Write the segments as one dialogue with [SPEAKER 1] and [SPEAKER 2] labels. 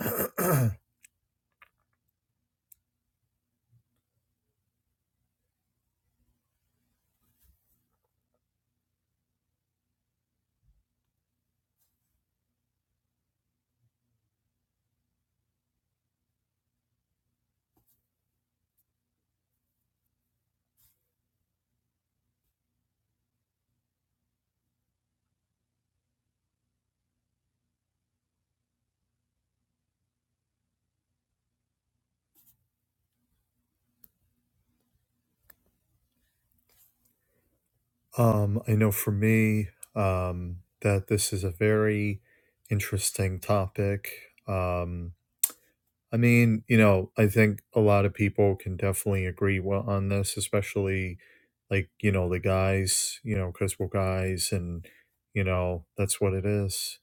[SPEAKER 1] um, I know for me um, that this is a very interesting topic. Um, I mean, you know, I think a lot of people can definitely agree well on this, especially like you know the guys, you know, because we're guys, and you know that's what it is.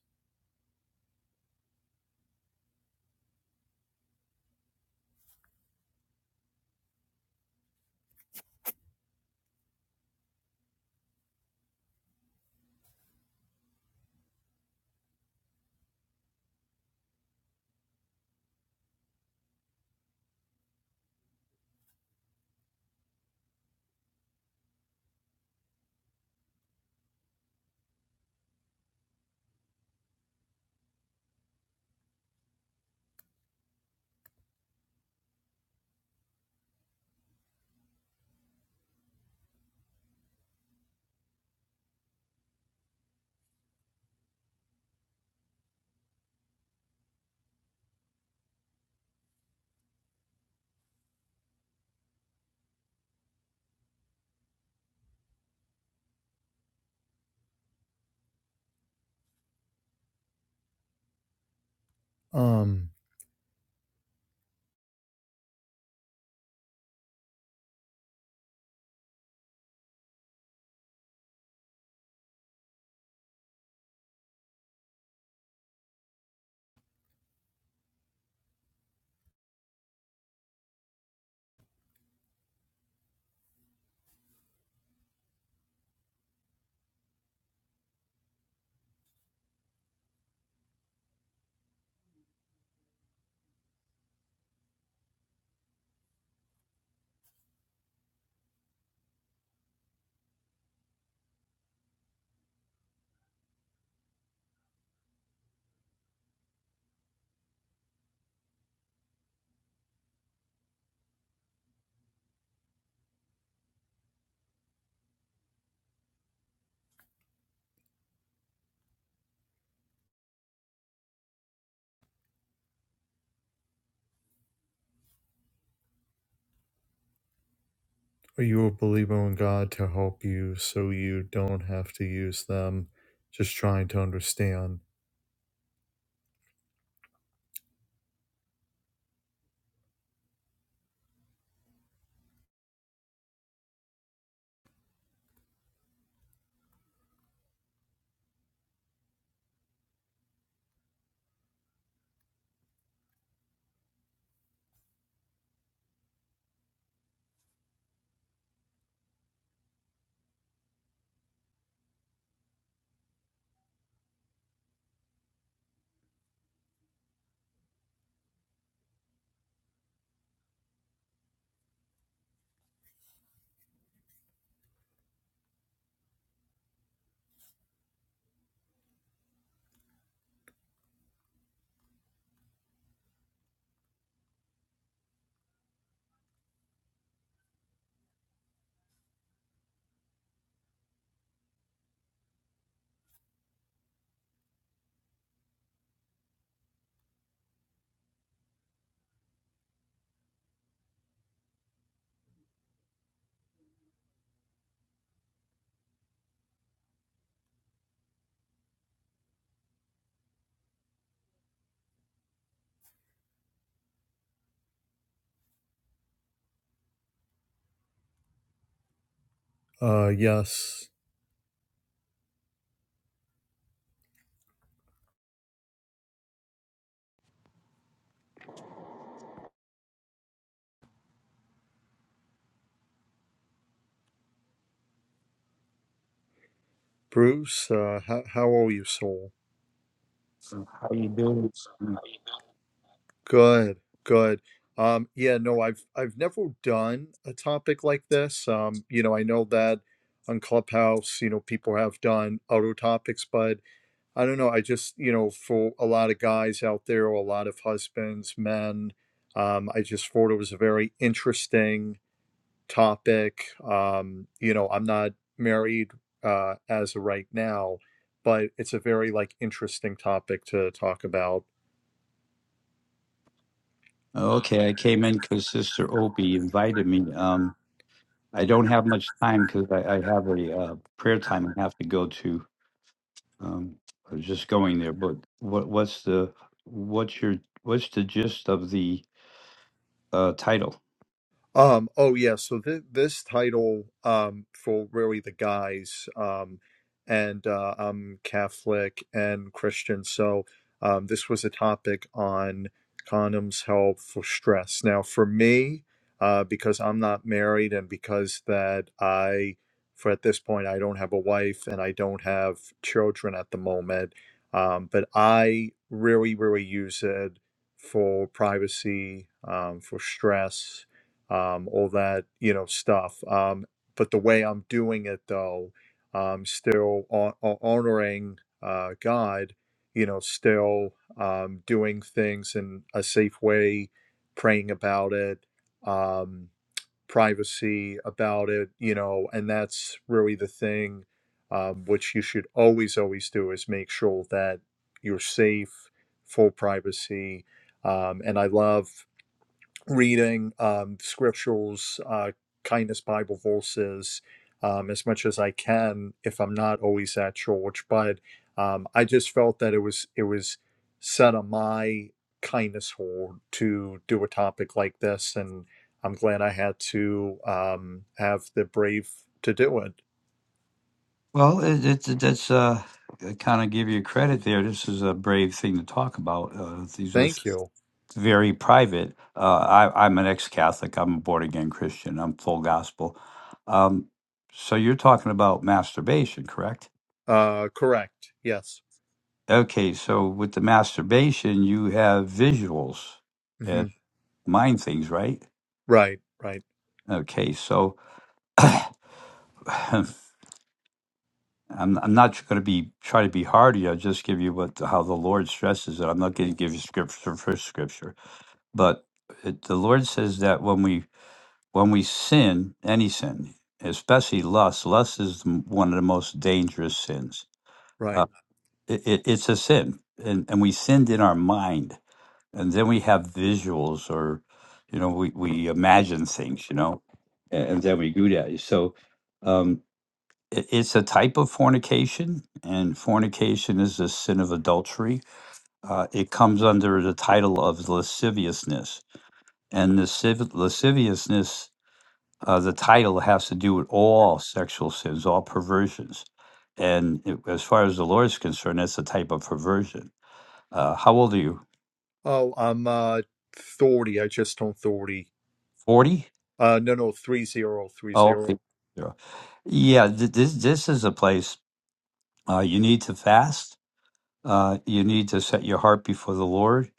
[SPEAKER 1] Um, are you a believer in God to help you so you don't have to use them? Just trying to understand. Uh, yes. Bruce, uh, how, how are you, soul?
[SPEAKER 2] How you doing?
[SPEAKER 1] Good, good. Um, yeah, no, I've I've never done a topic like this. Um, you know, I know that on Clubhouse, you know, people have done other topics, but I don't know. I just, you know, for a lot of guys out there, a lot of husbands, men, um, I just thought it was a very interesting topic. Um, you know, I'm not married uh, as of right now, but it's a very like interesting topic to talk about.
[SPEAKER 2] Okay, I came in because Sister Opie invited me. Um, I don't have much time because I, I have a uh, prayer time I have to go to. Um, I was just going there, but what what's the what's your what's the gist of the uh, title?
[SPEAKER 1] Um, oh yeah, so th this title um for really the guys um and uh I'm Catholic and Christian, so um this was a topic on condoms help for stress. Now for me, uh because I'm not married and because that I for at this point I don't have a wife and I don't have children at the moment, um but I really really use it for privacy, um for stress um, all that you know stuff. Um, but the way I'm doing it, though, um, still hon- hon- honoring uh, God, you know, still um, doing things in a safe way, praying about it, um, privacy about it, you know, and that's really the thing um, which you should always, always do is make sure that you're safe, full privacy. Um, and I love reading um, scriptures, uh, kindness Bible verses um, as much as I can if I'm not always at church. But um, I just felt that it was it was set on my kindness hold to do a topic like this, and I'm glad I had to um, have the brave to do it.
[SPEAKER 2] Well, it, it, that's uh, kind of give you credit there. This is a brave thing to talk about. Uh, these are
[SPEAKER 1] Thank you.
[SPEAKER 2] very private. Uh, I, I'm an ex-Catholic. I'm a born-again Christian. I'm full gospel. Um, so you're talking about masturbation, correct?
[SPEAKER 1] Uh, correct. Yes.
[SPEAKER 2] Okay, so with the masturbation, you have visuals
[SPEAKER 1] hmm
[SPEAKER 2] and mind things, right?
[SPEAKER 1] Right. Right.
[SPEAKER 2] Okay, so I'm, I'm not going to be try to be hard here. I'll just give you what how the Lord stresses it. I'm not going to give you scripture for scripture, but it, the Lord says that when we when we sin, any sin, especially lust, lust is m- one of the most dangerous sins.
[SPEAKER 1] Right.
[SPEAKER 2] Uh, it, it, it's a sin, and, and we sinned in our mind, and then we have visuals, or you know, we, we imagine things, you know, and, and then we do that. So um, it, it's a type of fornication, and fornication is the sin of adultery. Uh, it comes under the title of lasciviousness, and lasciv- lasciviousness uh, the title has to do with all sexual sins, all perversions. And it, as far as the Lord is concerned, that's a type of perversion. Uh, how old are you?
[SPEAKER 1] Oh, I'm uh, 30. I just turned 30
[SPEAKER 2] 40?
[SPEAKER 1] Uh, no, no, three zero, three
[SPEAKER 2] Oh, okay.
[SPEAKER 1] zero.
[SPEAKER 2] Zero. yeah. th- This, this is a place uh, you need to fast. Uh, you need to set your heart before the Lord.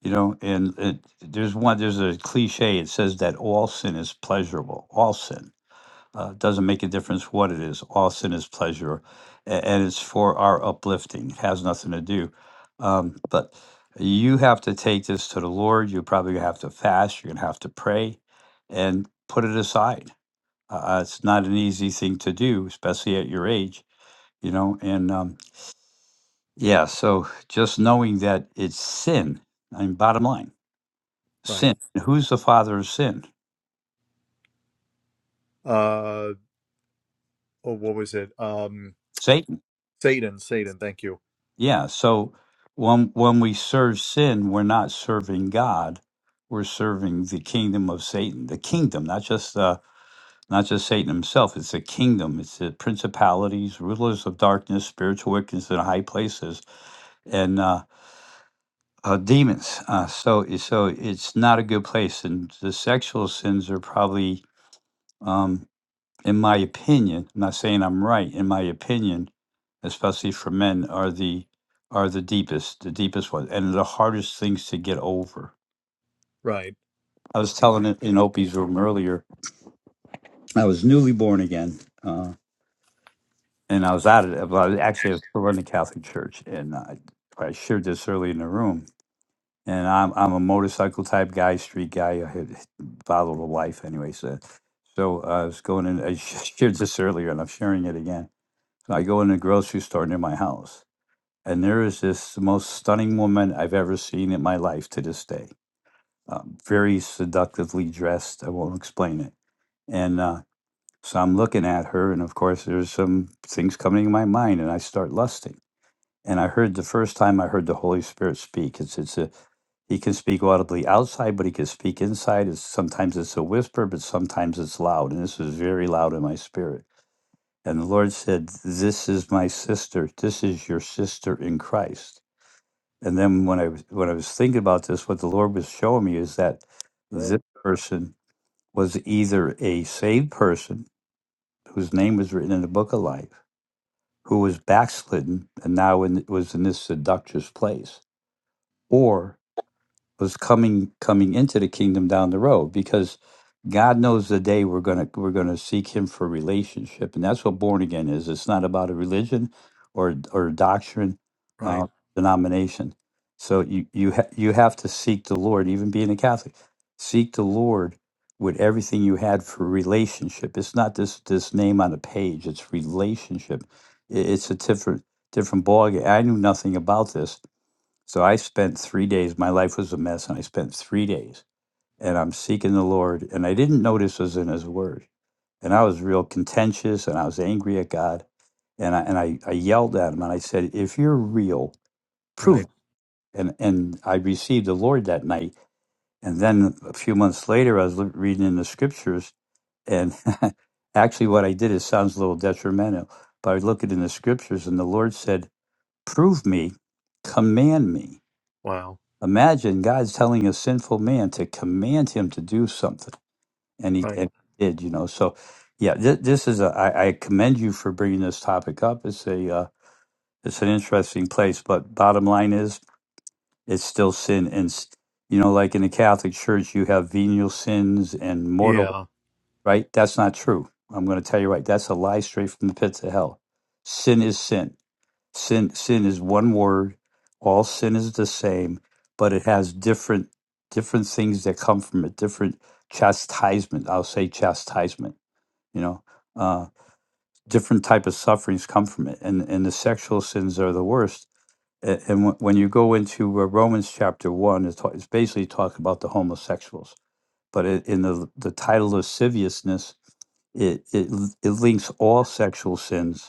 [SPEAKER 2] You know, and it, there's one, there's a cliche. It says that all sin is pleasurable, all sin Uh, doesn't make a difference what it is. All sin is pleasure, a- and it's for our uplifting. It has nothing to do. Um, but you have to take this to the Lord. You're probably gonna have to fast. You're gonna have to pray, and put it aside. Uh, uh, it's not an easy thing to do, especially at your age. You know, and um, yeah. So just knowing that it's sin. I mean, bottom line,
[SPEAKER 1] Right.
[SPEAKER 2] sin. Who's the father of sin?
[SPEAKER 1] Uh, oh, what was it? Um,
[SPEAKER 2] Satan
[SPEAKER 1] Satan, Satan. Thank you.
[SPEAKER 2] Yeah. So when when we serve sin, we're not serving God. We're serving the kingdom of Satan. The kingdom, not just uh, not just Satan himself. It's a kingdom. It's the principalities, rulers of darkness, spiritual wickedness in high places, and uh, uh, demons. Uh, so so it's not a good place. And the sexual sins are probably. Um, in my opinion, I'm not saying I'm right, in my opinion, especially for men, are the are the deepest, the deepest ones, and the hardest things to get over.
[SPEAKER 1] Right,
[SPEAKER 2] I was telling it in Opie's room earlier. I was newly born again, uh, and I was at it. Well, I was actually I was running the Catholic Church, and I, I shared this early in the room. And I'm I'm a motorcycle type guy, street guy. I had followed a life anyway, so so uh, I was going in. I shared this earlier, and I'm sharing it again I go in a grocery store near my house, and there is this most stunning woman I've ever seen in my life to this day. Um, very seductively dressed. I won't explain it. And uh, so I'm looking at her, and of course, there's some things coming in my mind, and I start lusting. And I heard the first time I heard the Holy Spirit speak. It's it's a he can speak audibly outside, but he can speak inside. It's, sometimes it's a whisper, but sometimes it's loud, and this was very loud in my spirit. And the Lord said, "This is my sister. This is your sister in Christ." And then when I was when I was thinking about this, what the Lord was showing me is that
[SPEAKER 3] Well.
[SPEAKER 2] this person was either a saved person whose name was written in the book of life, who was backslidden and now in, was in this seductress place, or. was coming coming into the kingdom down the road because God knows the day we're gonna we're gonna seek Him for relationship, and that's what born again is. It's not about a religion or or a doctrine,
[SPEAKER 1] right,
[SPEAKER 2] uh, denomination. So you you ha- you have to seek the Lord, even being a Catholic. Seek the Lord with everything you had for relationship. It's not this this name on a page. It's relationship. I- It's a different different ballgame. I knew nothing about this so I spent three days. My life was a mess, and I spent three days, and I'm seeking the Lord. And I didn't know this was in His Word. And I was real contentious, and I was angry at God, and I and I, I yelled at Him, and I said, "If you're real, prove."
[SPEAKER 1] right.
[SPEAKER 2] It. And and I received the Lord that night. And then a few months later, I was loo- reading in the Scriptures, and actually, what I did it sounds a little detrimental, but I looked in the Scriptures, and the Lord said, "Prove me, command me."
[SPEAKER 1] Wow.
[SPEAKER 2] Imagine God's telling a sinful man to command him to do something, and he,
[SPEAKER 1] Right.
[SPEAKER 2] and he did, you know. So, yeah, this, this is a. I, I commend you for bringing this topic up. It's a. Uh, it's an interesting place, but bottom line is, it's still sin, and s- you know, like in the Catholic Church, you have venial sins and mortal.
[SPEAKER 1] Yeah.
[SPEAKER 2] Right? That's not true. I'm going to tell you right. That's a lie straight from the pits of hell. Sin is sin Sin sin is one word. All sin is the same, but it has different different things that come from it. Different chastisement. I'll say chastisement. You know, uh, different type of sufferings come from it, and and the sexual sins are the worst. A- And wh- when you go into uh, Romans chapter one, it's, ta- it's basically talking about the homosexuals. But it, in the the title lasciviousness, it, it l- it links all sexual sins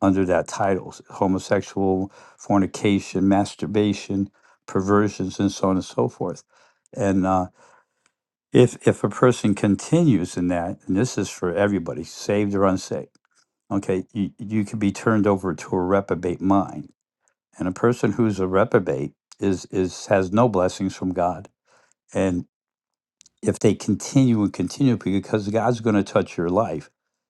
[SPEAKER 2] under that title homosexual, fornication, masturbation, perversions, and so on and so forth. And uh, if, if a person continues in that, and this is for everybody, saved or unsaved, okay, you, you could be turned over to a reprobate mind. And a person who's a reprobate is, is has no blessings from God. and if they continue and continue because God's going to touch your life.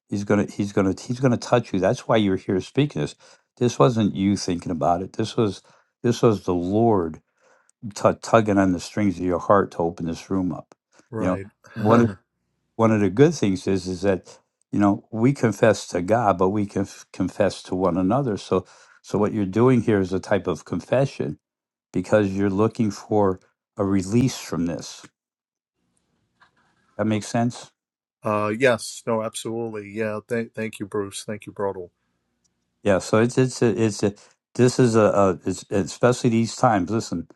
[SPEAKER 2] He's going to he's going to he's going to touch you. That's why you're here speaking this. This wasn't you thinking about it. This was this was the Lord tu tugging on the strings of your heart to open this room up. You know,
[SPEAKER 1] Right.
[SPEAKER 2] one of
[SPEAKER 1] uh,
[SPEAKER 2] one of the good things is is that you know we confess to God, but we can confess to one another. So so what you're doing here is a type of confession because you're looking for a release from this. That makes sense.
[SPEAKER 1] yes. No. Absolutely. Yeah. Thank, thank you, Bruce. Thank you, Brodel.
[SPEAKER 2] Yeah, so it's it's a, it's a, this is a, a it's especially these times. Listen,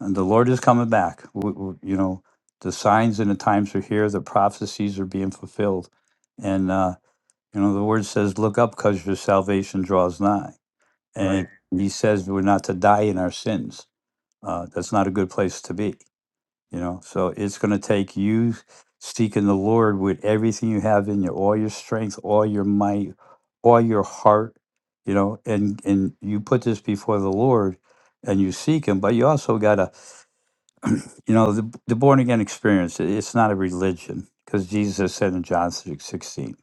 [SPEAKER 2] and the Lord is coming back. W w you know, the signs and the times are here. The prophecies are being fulfilled, and uh, you know the word says, "Look up, because your salvation draws nigh."
[SPEAKER 1] Right.
[SPEAKER 2] And He says we're not to die in our sins. Uh, that's not a good place to be. You know, so it's going to take you seeking the Lord with everything you have in you, all your strength, all your might, all your heart, you know, and and you put this before the Lord and you seek him, but you also got to, you know, the, the born again experience, it- it's not a religion because Jesus said in John 6 16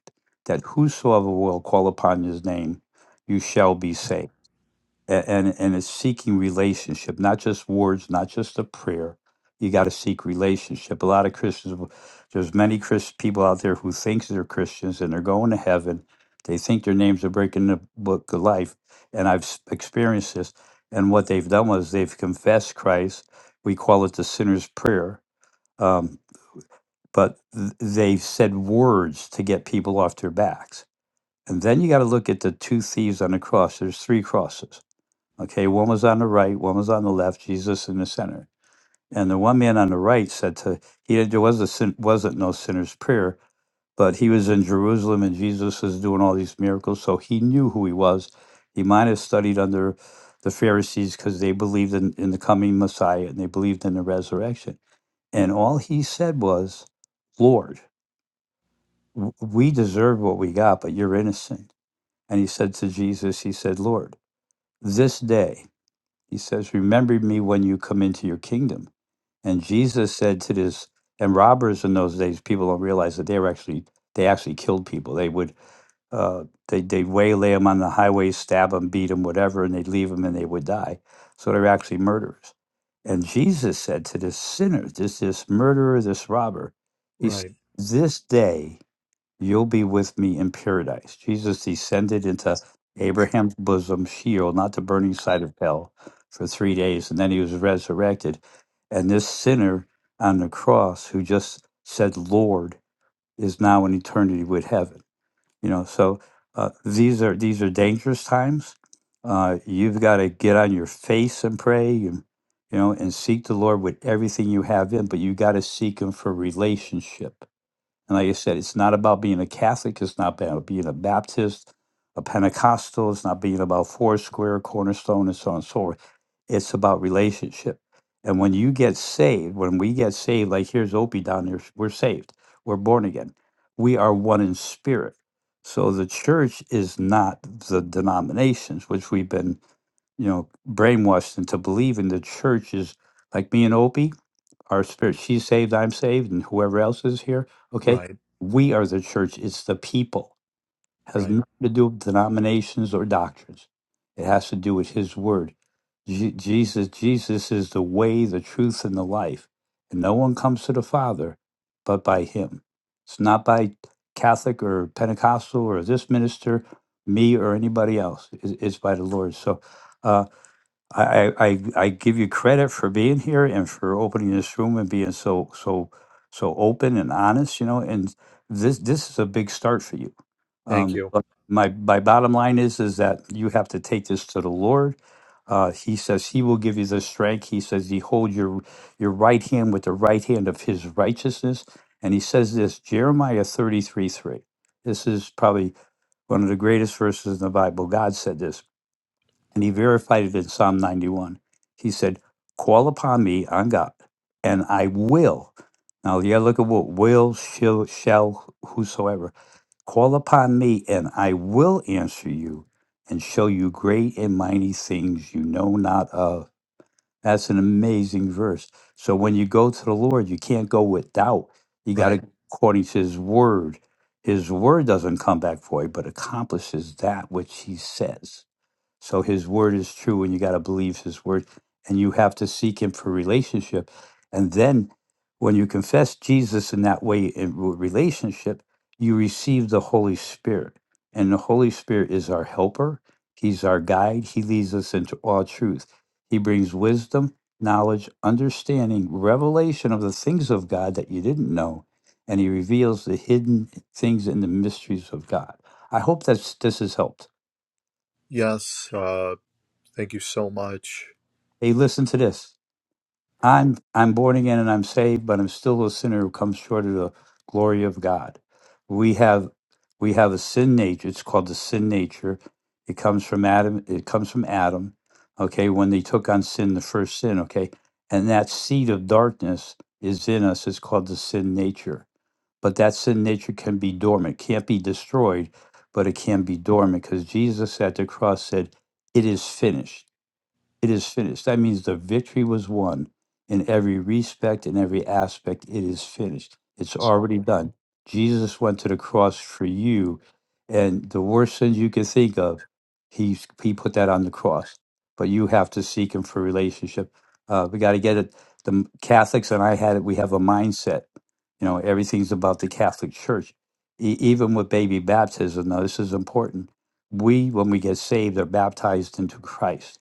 [SPEAKER 2] that whosoever will call upon his name, you shall be saved a- and and it's seeking relationship, not just words, not just a prayer. You got to seek relationship. A lot of Christians, will- there's many Christ people out there who think they're Christians and they're going to heaven. They think their names are breaking the book of life, and I've s- experienced this. And what they've done was they've confessed Christ. We call it the sinner's prayer, um, but th- they've said words to get people off their backs. And then you got to look at the two thieves on the cross. There's three crosses Okay, one was on the right, one was on the left, Jesus in the center. And the one man on the right said to he there was a sin, wasn't no sinner's prayer, but he was in Jerusalem and Jesus was doing all these miracles, so he knew who he was. He might have studied under the Pharisees because they believed in, in the coming Messiah and they believed in the resurrection. And all he said was, Lord, w- we deserve what we got, but you're innocent. And he said to Jesus, he said, Lord, this day He says, Remember me when you come into your kingdom. And Jesus said to this, and robbers in those days, people don't realize that they were actually, they actually killed people. They would, uh, they, they'd waylay them on the highway, stab them, beat them, whatever, and they'd leave them and they would die. So they were actually murderers. And Jesus said to this sinner, this, this murderer, this robber, he said,
[SPEAKER 1] Right.
[SPEAKER 2] this day You'll be with me in paradise. Jesus descended into Abraham's bosom, Sheol, not the burning side of hell, for three days, and then he was resurrected. And this sinner on the cross who just said, Lord, is now in eternity with heaven. You know, so uh, these are these are dangerous times. Uh, you've got to get on your face and pray and you know and seek the Lord with everything you have in, but you got to seek him for relationship and like I said, it's not about being a Catholic. It's not about being a Baptist, a Pentecostal. It's not being about Foursquare, Cornerstone, and so on and so forth. It's about relationship. And when you get saved, when we get saved, like here's Opie down here, we're saved. We're born again. We are one in spirit. So the church is not the denominations, which we've been, you know, brainwashed into believing the church is like me and Opie our spirit. She's saved, I'm saved, and whoever else is here. Okay.
[SPEAKER 1] Right.
[SPEAKER 2] We are the church. It's the people. has
[SPEAKER 1] Right.
[SPEAKER 2] nothing to do with denominations or doctrines. It has to do with his word. Je- Jesus, Jesus is the way, the truth, and the life. And no one comes to the Father but by him. It's not by Catholic or Pentecostal or this minister, me or anybody else. It- It's by the Lord. So uh, I, I I I give you credit for being here and for opening this room and being so so so open and honest, you know. And this this is a big start for you.
[SPEAKER 1] Thank
[SPEAKER 2] Um,
[SPEAKER 1] you.
[SPEAKER 2] but my my bottom line is is that you have to take this to the Lord. Uh, he says he will give you the strength. He says he hold your your right hand with the right hand of his righteousness. And he says this Jeremiah thirty three three. This is probably one of the greatest verses in the Bible. God said this. And he verified it in Psalm 91. He said, Call upon me on God, and I will. Now, yeah, look at what will, shall, shall, whosoever. Call upon me, and I will answer you and show you great and mighty things you know not of. That's an amazing verse. So when you go to the Lord, you can't go with doubt. You got to
[SPEAKER 1] Right.
[SPEAKER 2] go according to his word. His word doesn't come back void, but accomplishes that which he says. So his word is true, and you got to believe his word, and you have to seek him for relationship. And then when you confess Jesus in that way in re- relationship, you receive the Holy Spirit. And the Holy Spirit is our helper, he's our guide, he leads us into all truth. He brings wisdom, knowledge, understanding, revelation of the things of God that you didn't know, and he reveals the hidden things and the mysteries of God. I hope that this has helped.
[SPEAKER 1] Yes. Uh, thank you so much.
[SPEAKER 2] Hey, listen to this. I'm I'm born again and I'm saved, but I'm still a sinner who comes short of the glory of God. We have we have a sin nature. It's called the sin nature. It comes from Adam. It comes from Adam. Okay, when they took on sin, the first sin. Okay, and that seed of darkness is in us. It's called the sin nature. But that sin nature can be dormant. Can't be destroyed, but it can be dormant because Jesus at the cross said, "It is finished." It is finished. That means the victory was won in every respect, in every aspect. It is finished. It's already done. Jesus went to the cross for you, and the worst sins you could think of, he he put that on the cross. But you have to seek him for relationship. Uh, we got to get it. The m- Catholics and I had it. We have a mindset. You know, everything's about the Catholic Church. E- even with baby baptism, now this is important. We, when we get saved, are baptized into Christ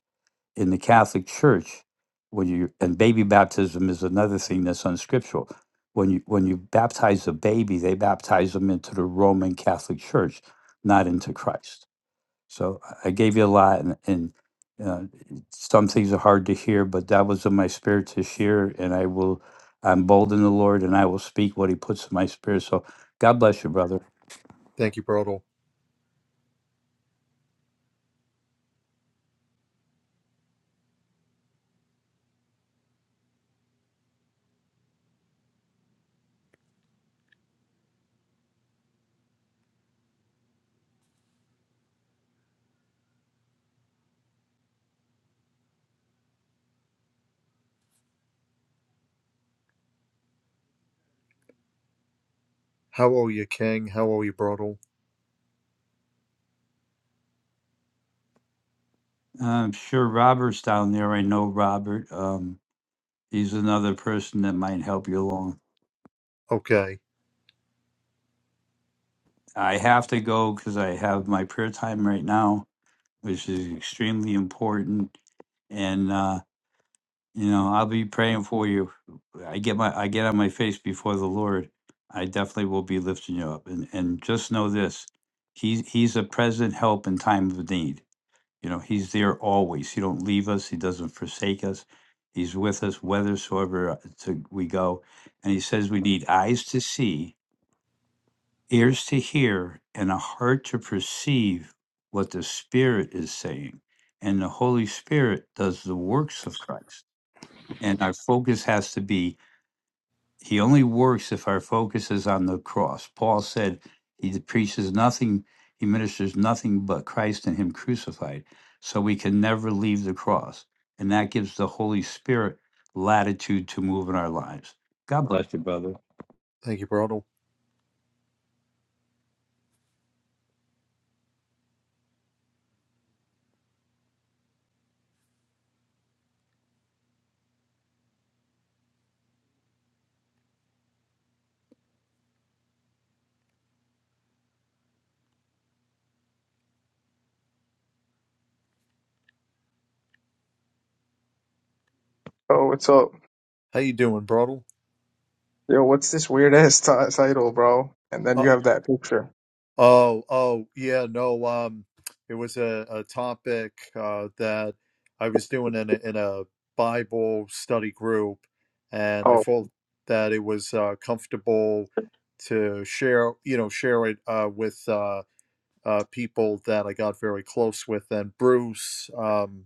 [SPEAKER 2] in the Catholic Church, when you and baby baptism is another thing that's unscriptural. When you when you baptize a baby, they baptize them into the Roman Catholic Church, not into Christ. So I I gave you a lot, and, and uh, some things are hard to hear, but that was in my spirit to share, and I will. I'm bold in the Lord, and I will speak what He puts in my spirit. So God bless you, brother.
[SPEAKER 1] Thank you, Brodel. How are you, King? How are you, Brodel?
[SPEAKER 2] I'm sure Robert's down there. I know Robert. Um, he's another person that might help you along.
[SPEAKER 1] Okay.
[SPEAKER 2] I have to go because I have my prayer time right now, which is extremely important. And uh, you know, I'll be praying for you. I get my I get on my face before the Lord. I definitely will be lifting you up. And and just know this, he's he's a present help in time of need. You know, he's there always. He don't leave us. He doesn't forsake us. He's with us whithersoever uh, to, we go. And he says we need eyes to see ears to hear and a heart to perceive what the Spirit is saying. And the Holy Spirit does the works of Christ. And our focus has to be, He only works if our focus is on the cross. Paul said, He preaches nothing, He ministers nothing but Christ and Him crucified. So we can never leave the cross. And that gives the Holy Spirit latitude to move in our lives. God bless you, brother.
[SPEAKER 1] Thank you, Brodel.
[SPEAKER 4] Oh, what's up?
[SPEAKER 1] How you doing, Brodel?
[SPEAKER 4] Yo, what's this weird ass ti- title, bro? And then you have that picture.
[SPEAKER 1] Oh, oh, yeah, no, um, it was a, a topic uh, that I was doing in a, in a Bible study group, and I
[SPEAKER 4] Oh,
[SPEAKER 1] felt that it was uh, comfortable to share, you know, share it uh, with uh, uh, people that I got very close with. And Bruce, um,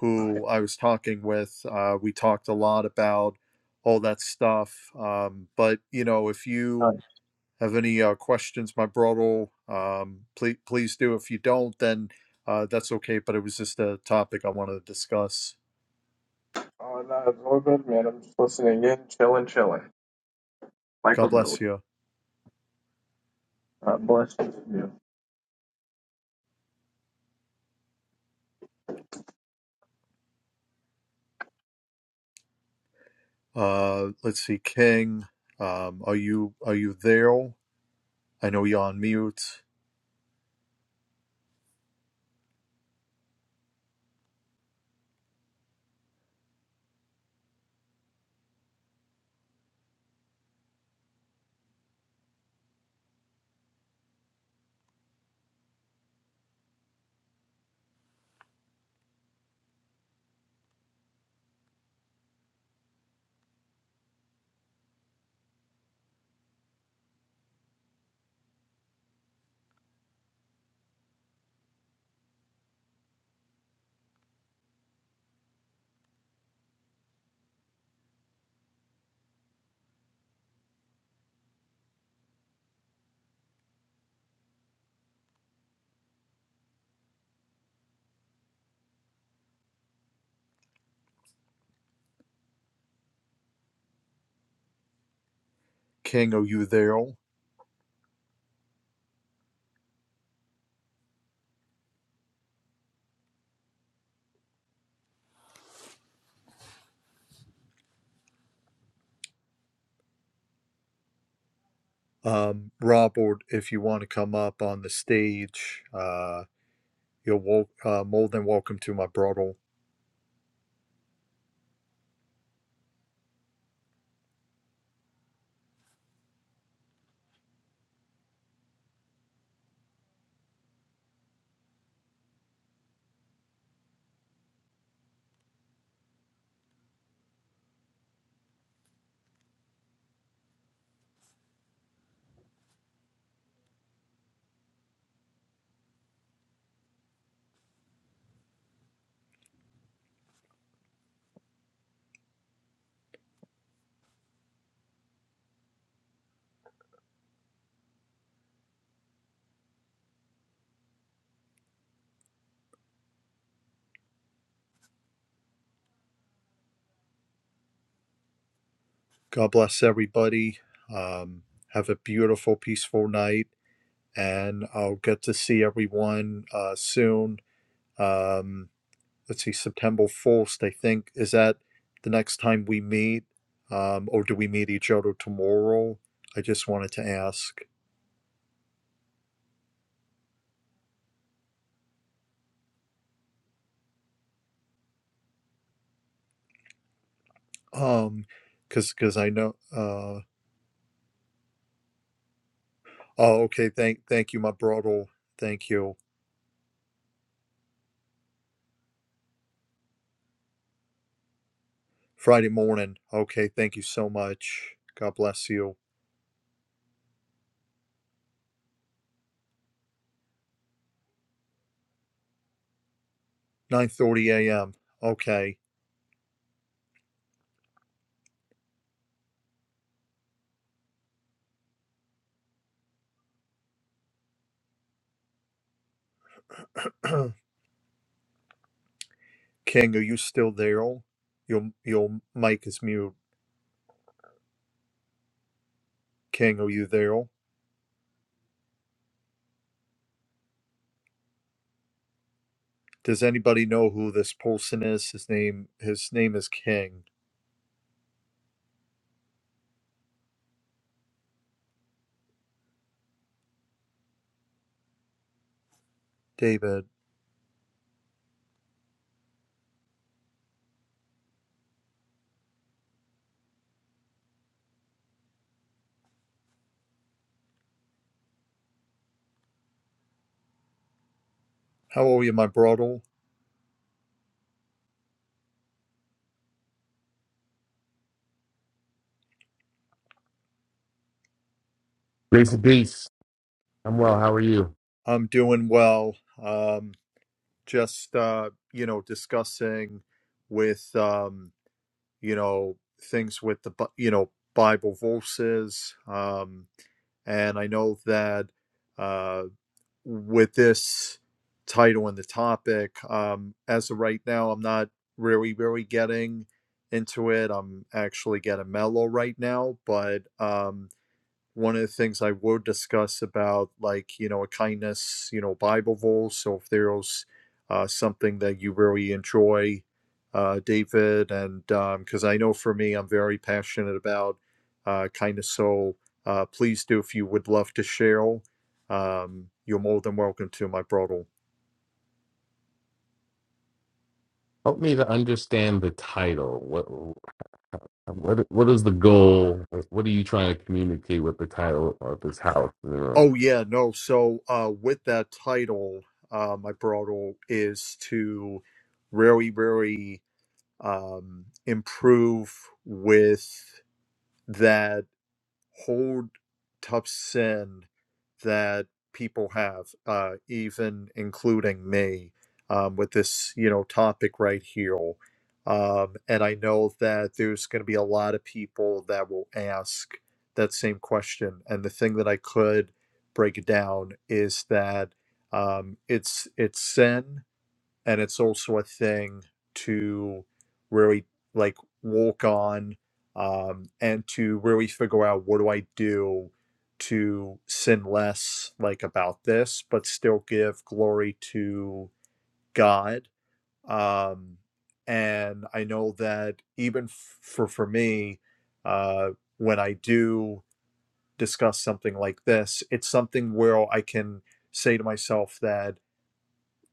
[SPEAKER 1] who I was talking with, uh, we talked a lot about all that stuff. Um, but, you know, if
[SPEAKER 4] all
[SPEAKER 1] you
[SPEAKER 4] right.
[SPEAKER 1] have any uh, questions, my brother, um, please please do. If you don't, then uh, that's okay. But it was just a topic I wanted to discuss.
[SPEAKER 4] oh no, it's all good, man. I'm just listening in, chilling, chilling, like a
[SPEAKER 1] God
[SPEAKER 4] villain.
[SPEAKER 1] bless you.
[SPEAKER 4] God bless you.
[SPEAKER 1] Uh, let's see, King, um, are you are you there? I know you're on mute. King, are you there? Um, Robert, if you want to come up on the stage, uh, you're wel- uh, more than welcome to my brother. God bless everybody. Um, have a beautiful, peaceful night and I'll get to see everyone uh, soon. Um, let's see, September 1st, I think. Is that the next time we meet? Um, or do we meet each other tomorrow? I just wanted to ask. Um, because I know, uh, oh, okay. Thank, thank you, my brother. Thank you. Friday morning. Okay. Thank you so much. God bless you. 9:30 a.m. Okay. King, are you still there? Your, your mic is mute. King, are you there? Does anybody know who this person is? His name his name is King. David. How are you, my brother?
[SPEAKER 5] Grace and peace. I'm well. How are you?
[SPEAKER 1] I'm doing well. Um just uh, you know, discussing with um, you know, things with the Bi- you know, Bible verses. Um and I know that uh with this title and the topic. Um, as of right now, I'm not really, really getting into it. I'm actually getting mellow right now, but um, one of the things I would discuss about, like, you know, a kindness, you know, Bible verse. So if there's uh, something that you really enjoy, uh, David, and because I know for me, I'm very passionate about uh, kindness. So uh, please do, if you would love to share, um, you're more than welcome to, my brother.
[SPEAKER 5] Help me to understand the title. What what what is the goal? What are you trying to communicate with the title of this house? in the room?
[SPEAKER 1] Oh, yeah, no. So uh, with that title, uh, my brother is to really, really. um, improve with that whole tough sin that people have, uh, even including me, um, with this you know topic right here. Um, and I know that there's going to be a lot of people that will ask that same question. And the thing that I could break it down is that um, it's it's sin and it's also a thing to really like walk on um, and to really figure out what do I do to sin less like about this, but still give glory to God. Um, and I know that even f- for for me, uh, when I do discuss something like this, it's something where I can say to myself that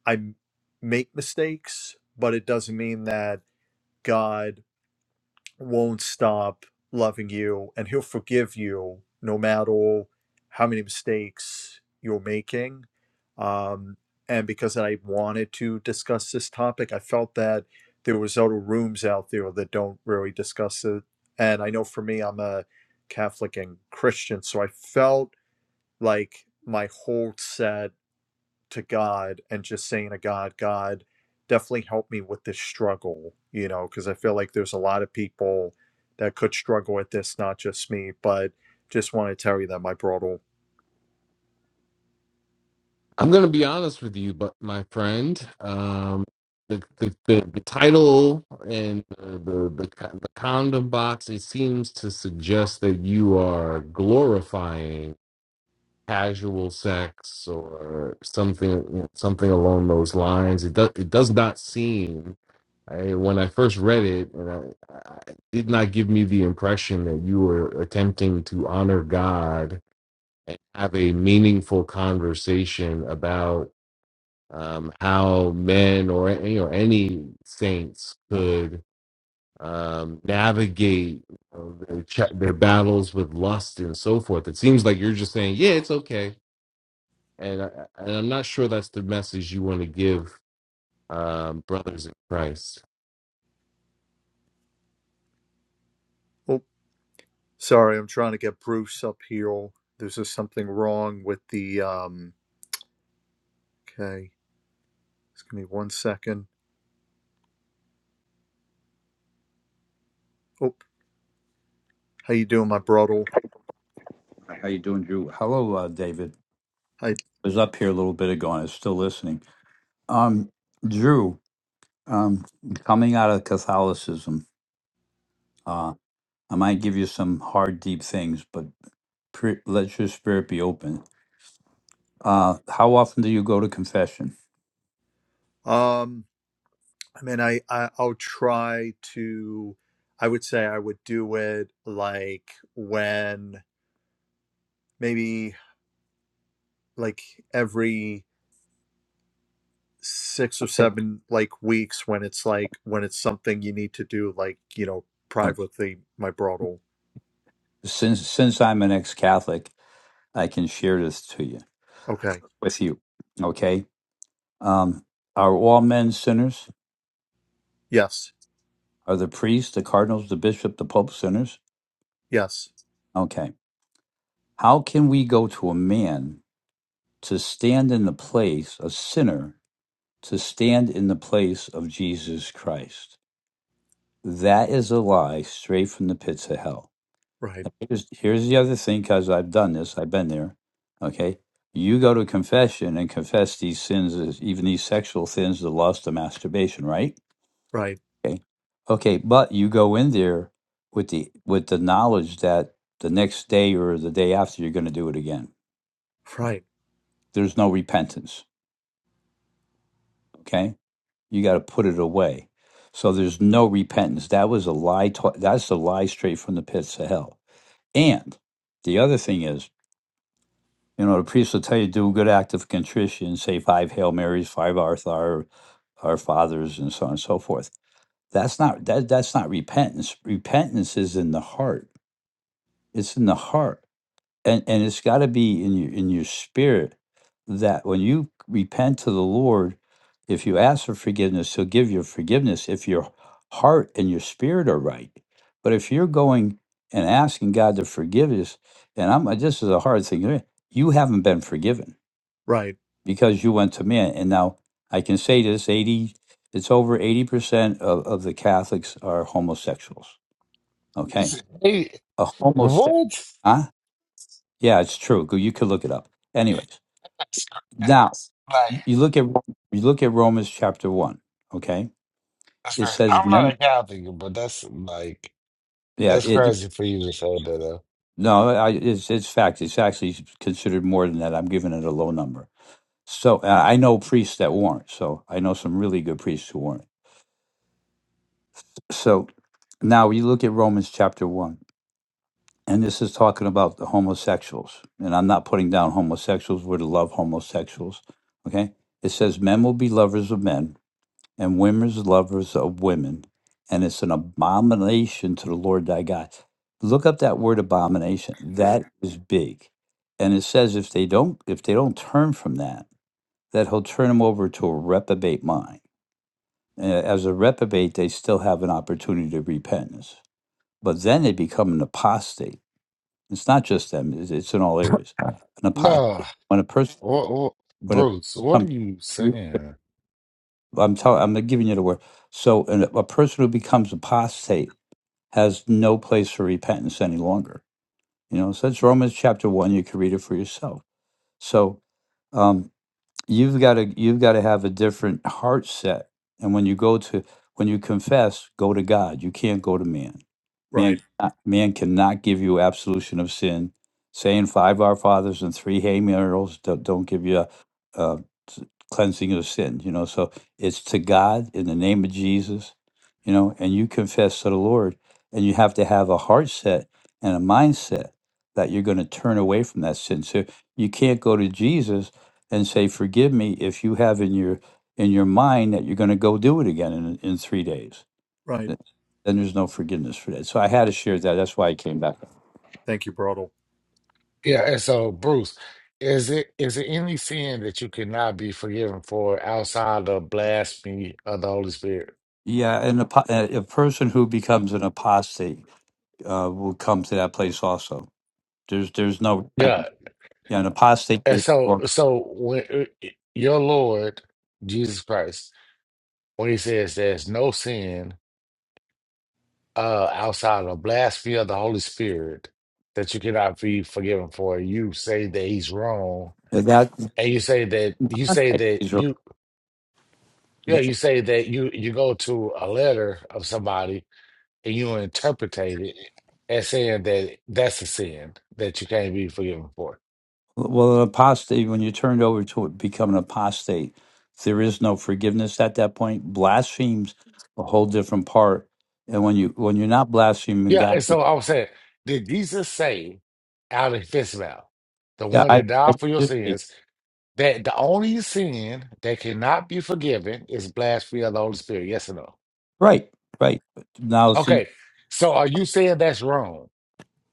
[SPEAKER 1] I m- make mistakes, but it doesn't mean that God won't stop loving you and he'll forgive you no matter how many mistakes you're making. Um, and because I wanted to discuss this topic, I felt that there was other rooms out there that don't really discuss it. And I know for me, I'm a Catholic and Christian, so I felt like my whole set to God and just saying to God, God, definitely help me with this struggle, you know, because I feel like there's a lot of people that could struggle with this, not just me, but just want to tell you that my brother.
[SPEAKER 5] I'm going to be honest with you, but my friend, um, the, the the the title and the the, the co- the condom box it seems to suggest that you are glorifying casual sex or something something along those lines. It does it does not seem I, when I first read it, and I, I it did not give me the impression that you were attempting to honor God and have a meaningful conversation about um, how men or you know any saints could um, navigate you know, their, ch- their battles with lust and so forth. It seems like you're just saying, yeah, it's okay, and I, and I'm not sure that's the message you want to give um, brothers in Christ.
[SPEAKER 1] Oh, sorry, I'm trying to get Bruce up here. There's just something wrong with the um okay. Just give me one second. Oh, how you doing, my brother?
[SPEAKER 2] How you doing, Drew? Hello, uh, David.
[SPEAKER 1] I
[SPEAKER 2] was up here a little bit ago and is still listening. Um, Drew, um, coming out of Catholicism, uh, I might give you some hard, deep things, but pre- let your spirit be open. Uh, how often do you go to confession?
[SPEAKER 1] um I mean I, I I'll try to I would say I would do it like when maybe like every six or
[SPEAKER 2] Okay.
[SPEAKER 1] seven like weeks when it's like when it's something you need to do like you know
[SPEAKER 2] Uh,
[SPEAKER 1] privately my brothel
[SPEAKER 2] since since I'm an ex-Catholic, I can share this to you
[SPEAKER 1] okay
[SPEAKER 2] with you. Okay, um, are all men sinners?
[SPEAKER 1] yes
[SPEAKER 2] Are the priests, the cardinals, the bishop, the pope sinners?
[SPEAKER 1] yes
[SPEAKER 2] Okay, how can we go to a man? to stand in the place, a sinner, to stand in the place of Jesus Christ. That is a lie straight from the pits of hell.
[SPEAKER 1] right
[SPEAKER 2] And Here's, here's the other thing, because I've done this, I've been there. Okay. You go to confession and confess these sins, even these sexual sins, the lust, the masturbation, right?
[SPEAKER 1] right
[SPEAKER 2] Okay. Okay. But you go in there with the with the knowledge that the next day or the day after you're going to do it again.
[SPEAKER 1] right
[SPEAKER 2] There's no repentance. Okay You got to put it away. So there's no repentance. That was a lie. To- that's a lie straight from the pits of hell. And the other thing is, you know, the priest will tell you do a good act of contrition, say five Hail Marys, five Our, Our our Fathers, and so on and so forth. That's not that. That's not repentance. Repentance is in the heart. It's in the heart and and it's got to be in your in your spirit that when you repent to the Lord, if you ask for forgiveness, He'll give you forgiveness if your heart and your spirit are right. But if you're going and asking God to forgive us, and I'm this is a hard thing, eh, you haven't been forgiven
[SPEAKER 1] right
[SPEAKER 2] because you went to man. And now I can say this: eighty, it's over eighty percent of of the Catholics are homosexuals. Okay,
[SPEAKER 6] It's- hey,
[SPEAKER 2] a homosexual,
[SPEAKER 6] what?
[SPEAKER 2] huh? Yeah, it's true. Go- You could look it up. Anyways
[SPEAKER 6] That's cra-
[SPEAKER 2] Now
[SPEAKER 6] Like,
[SPEAKER 2] you look at you look at Romans chapter one. Okay,
[SPEAKER 6] that's
[SPEAKER 2] it
[SPEAKER 6] crazy.
[SPEAKER 2] says
[SPEAKER 6] I'm
[SPEAKER 2] mem.
[SPEAKER 6] not a Catholic, but that's like,
[SPEAKER 2] Yeah,
[SPEAKER 6] that's
[SPEAKER 2] it
[SPEAKER 6] crazy for you to say that. Uh,
[SPEAKER 2] no, I, it's it's fact. It's actually considered more than that. I'm giving it a low number. So uh, I know priests that weren't. So I know some really good priests who weren't. So now we look at Romans chapter one, and this is talking about the homosexuals. And I'm not putting down homosexuals. We're to love homosexuals. Okay, it says men will be lovers of men and women's lovers of women, and it's an abomination to the Lord thy God. Look up that word abomination. That is big. And it says if they don't if they don't turn from that, that he'll turn them over to a reprobate mind. Uh, As a reprobate, they still have an opportunity to repentance. But then they become an apostate. It's not just them, it's, it's in all areas. An
[SPEAKER 6] no,
[SPEAKER 2] apostate. When a person
[SPEAKER 6] what, what,
[SPEAKER 2] when a,
[SPEAKER 6] Bruce, what are
[SPEAKER 2] um,
[SPEAKER 6] you
[SPEAKER 2] re-
[SPEAKER 6] saying?
[SPEAKER 2] I'm telling I'm giving you the word. So an, a person who becomes apostate has no place for repentance any longer. You know, so that's Romans chapter one. You can read it for yourself. So, um, you've got to you've got to have a different heart set and when you go to when you confess go to god you can't go to man man
[SPEAKER 1] right
[SPEAKER 2] cannot- man cannot give you absolution of sin saying five our fathers and three hey miracles don't, don't give you a, a s- cleansing of sin you know so it's to god in the name of jesus you know and you confess to the lord and you have to have a heart set and a mindset that you're going to turn away from that sin so you can't go to jesus and say, "Forgive me if you have in your in your mind that you're going to go do it again in in three days."
[SPEAKER 1] right
[SPEAKER 2] Th- Then there's no forgiveness for that. So I had to share that. That's why I came back.
[SPEAKER 1] thank you brothel
[SPEAKER 6] Yeah, and so, Bruce, is it is it any sin that you cannot be forgiven for outside of blasphemy of the Holy Spirit?
[SPEAKER 2] Yeah, and apo- a, a person who becomes an apostate uh, will come to that place also. There's there's no
[SPEAKER 6] Yeah,
[SPEAKER 2] yeah, an apostate
[SPEAKER 6] and
[SPEAKER 2] is-
[SPEAKER 6] so,
[SPEAKER 2] or
[SPEAKER 6] so when uh, your Lord Jesus Christ, when he says there's no sin. uh outside of blasphemy of the Holy Spirit that you cannot be forgiven for. You say that he's wrong,
[SPEAKER 2] that.
[SPEAKER 6] and you say that you say that you yeah you say that you you go to a letter of somebody and you interpret it as saying that that's a sin that you can't be forgiven for.
[SPEAKER 2] Well, an apostate, when you turn it over to become an apostate, there is no forgiveness at that point. Blasphemes a whole different part. And when you when you're not blaspheming
[SPEAKER 6] Yeah,
[SPEAKER 2] God,
[SPEAKER 6] and so I was saying, did Jesus say out of his mouth, the
[SPEAKER 2] yeah,
[SPEAKER 6] one
[SPEAKER 2] I,
[SPEAKER 6] that
[SPEAKER 2] I
[SPEAKER 6] died for your
[SPEAKER 2] should be.
[SPEAKER 6] sins, that the only sin that cannot be forgiven is blasphemy of the Holy Spirit? Yes or no?
[SPEAKER 2] right, right. But Now, see,
[SPEAKER 6] Okay, so are you saying that's wrong?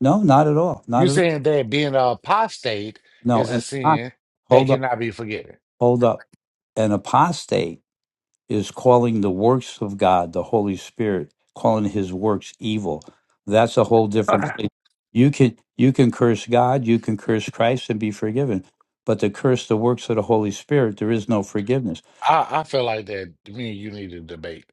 [SPEAKER 2] no, not at all, not
[SPEAKER 6] You
[SPEAKER 2] at all.
[SPEAKER 6] saying that being a apostate
[SPEAKER 2] No,
[SPEAKER 6] is a
[SPEAKER 2] and ah,
[SPEAKER 6] sin that
[SPEAKER 2] hold up,
[SPEAKER 6] cannot be forgiven?
[SPEAKER 2] hold up. An apostate is calling the works of God, the Holy Spirit, calling his works evil. That's a whole
[SPEAKER 6] Okay.
[SPEAKER 2] different place. You can you can curse God, you can curse Christ and be forgiven. But to curse the works of the Holy Spirit, there is no forgiveness.
[SPEAKER 6] I, I feel like that me and you need to debate.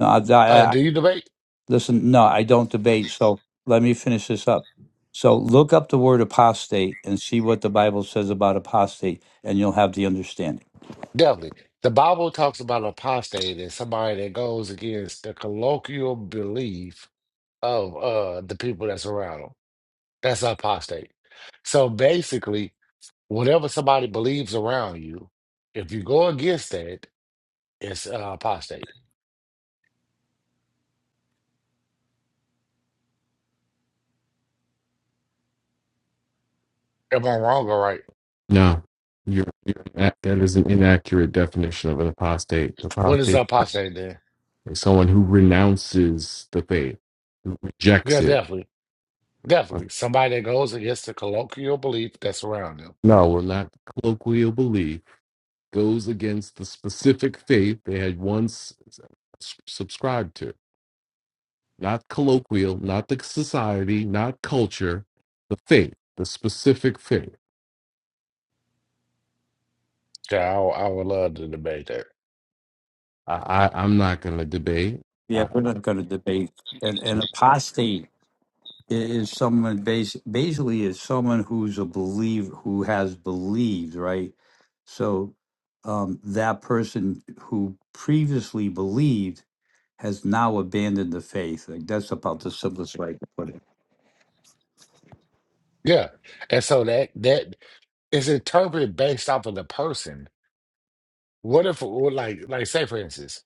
[SPEAKER 2] No, I, I,
[SPEAKER 6] Uh,
[SPEAKER 2] I-
[SPEAKER 6] do you debate?
[SPEAKER 2] listen, no, I don't debate. So let me finish this up. So look up the word apostate and see what the Bible says about apostate, and you'll have the understanding.
[SPEAKER 6] Definitely. The Bible talks about apostate as somebody that goes against the colloquial belief of uh the people that's around them. That's an apostate. So basically, whatever somebody believes around you, if you go against that, it's uh, apostate. Am I wrong or right?
[SPEAKER 5] No, you're, you're that that is an inaccurate definition of an apostate.
[SPEAKER 6] What is
[SPEAKER 5] Apostate
[SPEAKER 6] apostate then?
[SPEAKER 5] is someone who renounces the faith,
[SPEAKER 6] Yeah,
[SPEAKER 5] rejects it.
[SPEAKER 6] definitely. Definitely. Somebody that goes against the colloquial belief that's around them.
[SPEAKER 5] No, we're not colloquial belief goes against the specific faith they had once s- subscribed to. Not colloquial, not the society, not culture, the faith, the specific faith.
[SPEAKER 6] Yeah, I, would- I would love to debate that.
[SPEAKER 5] I, I I'm not going to debate.
[SPEAKER 2] Yeah,
[SPEAKER 5] I,
[SPEAKER 2] we're not going to debate. And, and apostate is someone bas- basically is someone who's a believer who has believed right so um, that person who previously believed has now abandoned the faith like that's about the simplest way to put it
[SPEAKER 6] Yeah. And so that that is interpreted based off of the person. What if well, like like say for instance,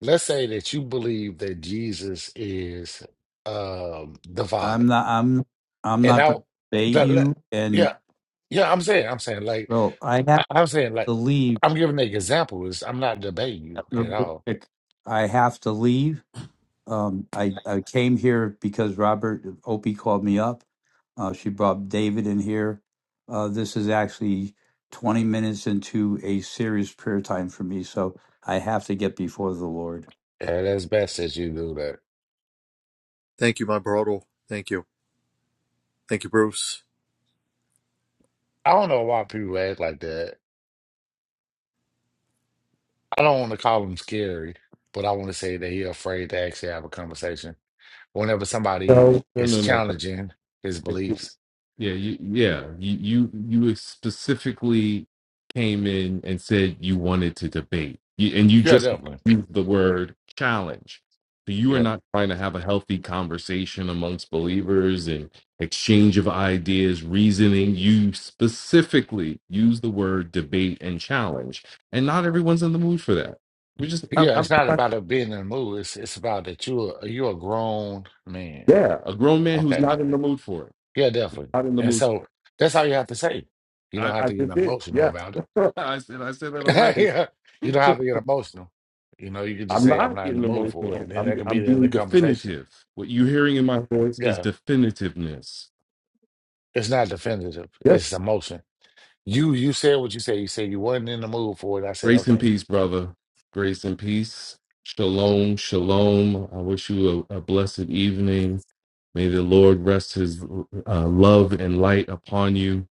[SPEAKER 6] let's say that you believe that Jesus is um the Father.
[SPEAKER 2] i'm not i'm i'm
[SPEAKER 6] And
[SPEAKER 2] not
[SPEAKER 6] I,
[SPEAKER 2] going to debate
[SPEAKER 6] but le-
[SPEAKER 2] you
[SPEAKER 6] yeah,
[SPEAKER 2] and
[SPEAKER 6] yeah, I'm saying, I'm saying, like,
[SPEAKER 2] bro i
[SPEAKER 6] I,
[SPEAKER 2] have
[SPEAKER 6] I'm saying, like,
[SPEAKER 2] to leave
[SPEAKER 6] I'm giving an example. It's, I'm not debating you at all.
[SPEAKER 2] i have to leave um, I, I came here because robert opie called me up Uh, she brought David in here. Uh, this is actually 20 minutes into a serious prayer time for me, so I have to get before the Lord.
[SPEAKER 6] Yeah, that's best that you do that.
[SPEAKER 1] thank you my brothel thank you thank you bruce
[SPEAKER 6] I don't know why people act like that. I don't want to call him scary, but I want to say that he's afraid to actually have a conversation. Whenever somebody
[SPEAKER 5] no, no,
[SPEAKER 6] is
[SPEAKER 5] no, no.
[SPEAKER 6] challenging his
[SPEAKER 5] no.
[SPEAKER 6] beliefs,
[SPEAKER 5] Yeah, you, yeah. You, you you specifically came in and said you wanted to debate, you, and you
[SPEAKER 6] yeah,
[SPEAKER 5] just
[SPEAKER 6] definitely,
[SPEAKER 5] used the word challenge. So you are
[SPEAKER 6] yeah,
[SPEAKER 5] not trying to have a healthy conversation amongst believers and exchange of ideas, reasoning. You specifically use the word debate and challenge, and not everyone's in the mood for that. We just, I,
[SPEAKER 6] Yeah, it's
[SPEAKER 5] I'm,
[SPEAKER 6] not
[SPEAKER 5] I-
[SPEAKER 6] about it being in the mood. It's it's about that you're you're a grown man.
[SPEAKER 5] yeah, a grown man who's
[SPEAKER 6] Okay.
[SPEAKER 5] not in the mood for it.
[SPEAKER 6] Yeah, definitely.
[SPEAKER 5] Not in the
[SPEAKER 6] And
[SPEAKER 5] mood. For it.
[SPEAKER 6] so that's all you have to say. You don't
[SPEAKER 5] I,
[SPEAKER 6] have
[SPEAKER 5] I
[SPEAKER 6] to get
[SPEAKER 5] did this.
[SPEAKER 6] emotional
[SPEAKER 5] Yes,
[SPEAKER 6] about it.
[SPEAKER 5] I said I said that already
[SPEAKER 6] Yeah. You don't have to get emotional. You know, you can just
[SPEAKER 5] I'm
[SPEAKER 6] say I'm
[SPEAKER 5] not
[SPEAKER 6] not in the
[SPEAKER 5] getting
[SPEAKER 6] mood for it.
[SPEAKER 5] emotional.
[SPEAKER 6] And then that
[SPEAKER 5] I'm
[SPEAKER 6] could be
[SPEAKER 5] I'm
[SPEAKER 6] the end of the
[SPEAKER 5] being
[SPEAKER 6] conversation.
[SPEAKER 5] definitive. What you're hearing in my voice is
[SPEAKER 6] Yeah.
[SPEAKER 5] definitiveness.
[SPEAKER 6] It's not definitive.
[SPEAKER 5] Yes.
[SPEAKER 6] It's emotion. You you said what you said. You said you wasn't in the mood for it. I said,
[SPEAKER 5] Grace and
[SPEAKER 6] okay.
[SPEAKER 5] peace, brother. Grace and peace. Shalom, shalom. I wish you a, a blessed evening. May the Lord rest His uh, love and light upon you.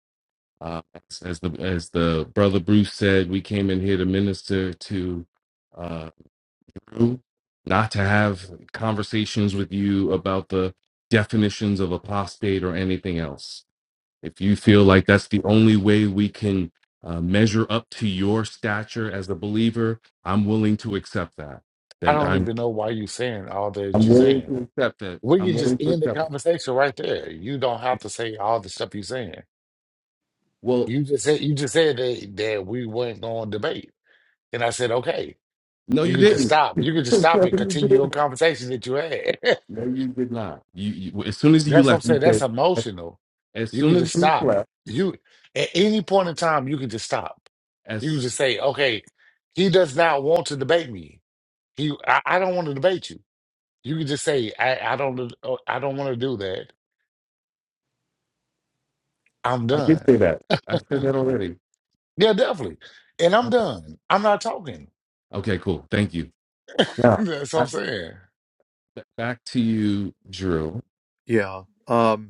[SPEAKER 5] Uh, as, as the as the brother Bruce said, we came in here to minister to. uh, through, not to have conversations with you about the definitions of apostate or anything else. If you feel like that's the only way we can uh, measure up to your stature as a believer, I'm willing to accept that.
[SPEAKER 6] I
[SPEAKER 5] That
[SPEAKER 6] don't
[SPEAKER 5] I'm
[SPEAKER 6] even know why you saying all that
[SPEAKER 5] I'm
[SPEAKER 6] you're
[SPEAKER 5] willing
[SPEAKER 6] saying.
[SPEAKER 5] to accept that.
[SPEAKER 6] We
[SPEAKER 5] I'm
[SPEAKER 6] can just
[SPEAKER 5] willing to
[SPEAKER 6] end the
[SPEAKER 5] accept it.
[SPEAKER 6] conversation right there. You don't have to say all the stuff you're saying
[SPEAKER 5] Well,
[SPEAKER 6] You just said you just said that, that we weren't going to debate, and I said, okay,
[SPEAKER 5] no,
[SPEAKER 6] you
[SPEAKER 5] you
[SPEAKER 6] could just
[SPEAKER 5] didn't.
[SPEAKER 6] stop. You could just stop and continue a conversation that you had.
[SPEAKER 5] No, you did not. You, you as soon as you
[SPEAKER 6] That's what I'm
[SPEAKER 5] left, you
[SPEAKER 6] saying. That's
[SPEAKER 5] said
[SPEAKER 6] emotional.
[SPEAKER 5] as
[SPEAKER 6] You could
[SPEAKER 5] soon as
[SPEAKER 6] just
[SPEAKER 5] Bruce
[SPEAKER 6] stop.
[SPEAKER 5] left,
[SPEAKER 6] You at any point in time, you could just stop. You could
[SPEAKER 5] as
[SPEAKER 6] just say, okay, he does not want to debate me. He, I, I don't want to debate you. You could just say, I, I don't, I don't want to do that. I'm
[SPEAKER 5] I did
[SPEAKER 6] done.
[SPEAKER 5] say that. I said that already.
[SPEAKER 6] Yeah, definitely. And I'm
[SPEAKER 5] Okay.
[SPEAKER 6] done. I'm not talking.
[SPEAKER 5] Okay, cool. Thank you. Yeah.
[SPEAKER 6] That's what
[SPEAKER 5] I-
[SPEAKER 6] I'm saying.
[SPEAKER 5] b- Back to you, Drew.
[SPEAKER 1] yeah um.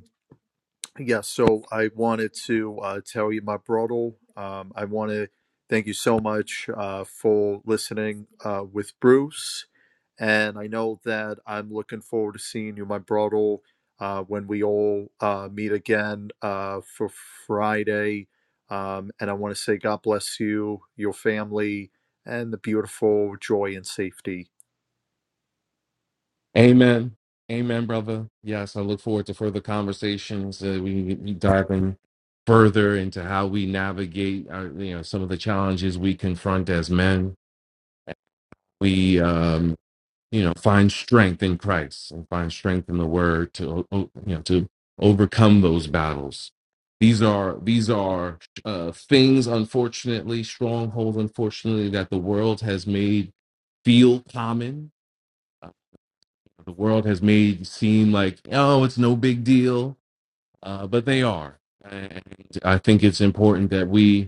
[SPEAKER 1] Yeah, so I wanted to uh, tell you, my brother. Um, I want to thank you so much uh, for listening uh, with Bruce. And I know that I'm looking forward to seeing you, my brother, uh, when we all uh, meet again uh, for Friday. Um, and I want to say God bless you, your family, and the beautiful joy and safety.
[SPEAKER 5] Amen. Amen, brother. Yes, I look forward to further conversations. Uh, we can dive in further into how we navigate our, you know some of the challenges we confront as men. We um, you know find strength in christ and find strength in the word to you know to overcome those battles these are these are uh, things unfortunately strongholds unfortunately that the world has made feel common uh, the world has made seem like oh it's no big deal uh, but they are and i think it's important that we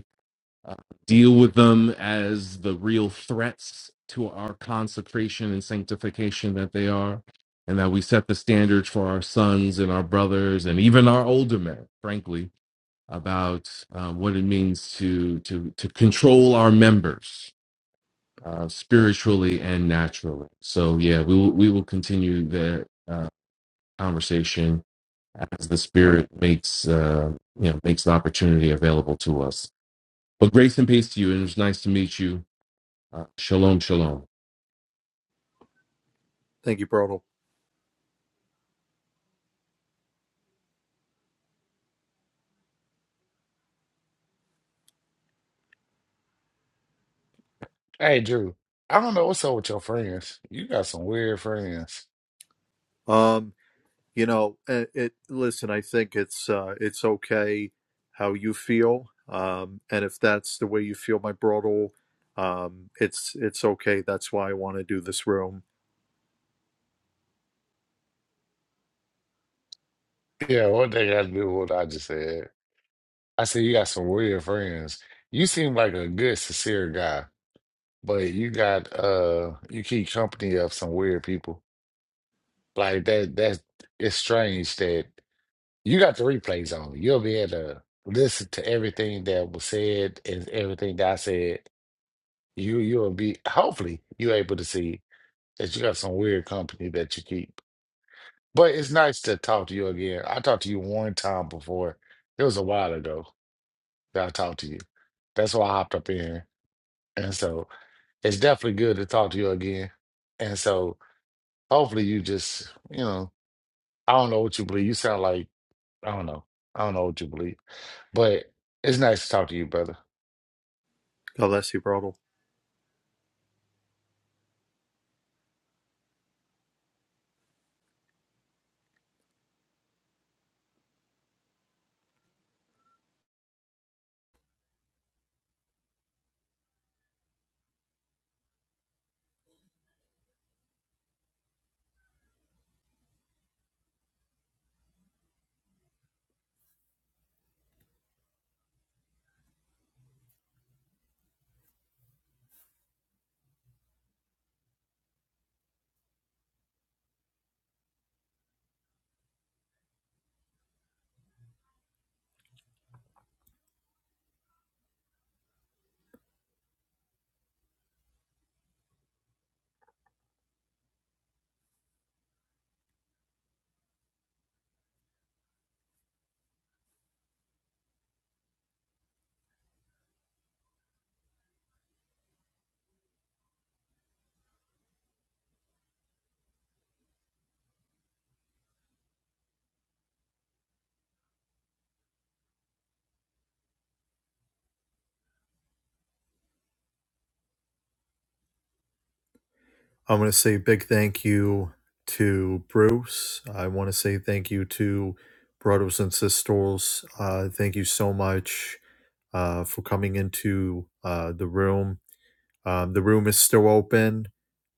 [SPEAKER 5] uh, deal with them as the real threats to our consecration and sanctification that they are, and that we set the standards for our sons and our brothers and even our older men, frankly, about um, what it means to to to control our members uh, spiritually and naturally. So yeah, we will we will continue the uh, conversation as the Spirit makes uh, you know makes the opportunity available to us. But grace and peace to you, and it was nice to meet you. Uh, shalom, shalom.
[SPEAKER 1] Thank you, brother.
[SPEAKER 6] Hey, Drew, I don't know what's up with your friends. You got some weird friends.
[SPEAKER 1] Um, You know, it, it listen, I think it's uh it's okay how you feel. Um and if that's the way you feel, my Brodel, um it's it's okay. That's why I want to do this room.
[SPEAKER 6] Yeah, what they got to do with what I just said? I said you got some weird friends. You seem like a good, sincere guy, but you got uh, you keep company of some weird people. Like that. That's it's strange that you got the replays on. You'll be able to listen to everything that was said and everything that I said. You you'll be hopefully you're able to see that you got some weird company that you keep. But it's nice to talk to you again. I talked to you one time before. It was a while ago that I talked to you. That's why I hopped up in here. And so it's definitely good to talk to you again. And so hopefully you just, you know, I don't know what you believe. You sound like, I don't know. I don't know what you believe. But it's nice to talk to you, brother.
[SPEAKER 1] God bless you, Brodel. I want to say a big thank you to Bruce. I want to say thank you to brothers and sisters. Uh thank you so much uh for coming into uh the room. Um the room is still open.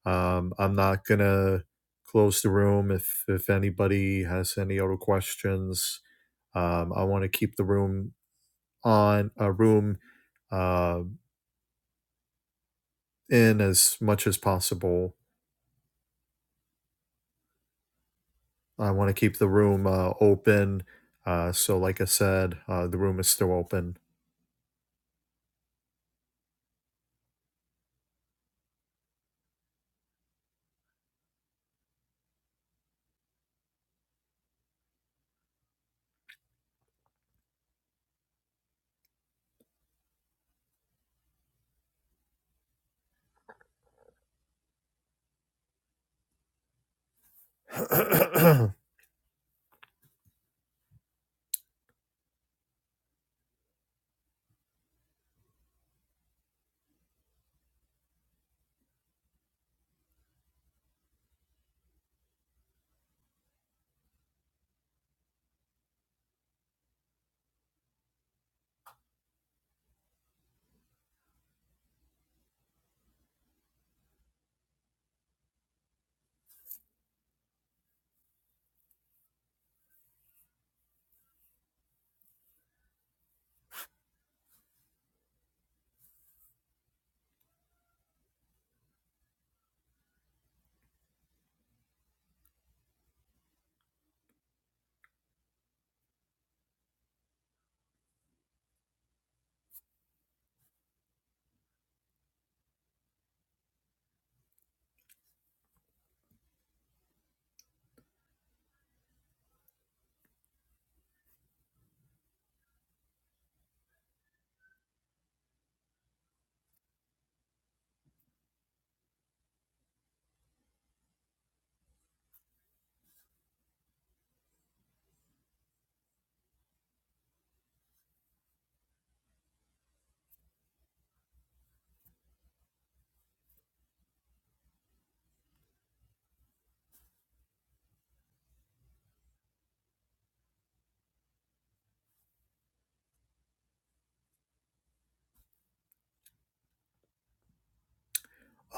[SPEAKER 1] Um, I'm not gonna close the room if if anybody has any other questions. Um, I want to keep the room on a uh, room uh, in as much as possible. I want to keep the room uh, open. Uh, so, like I said, uh, the room is still open.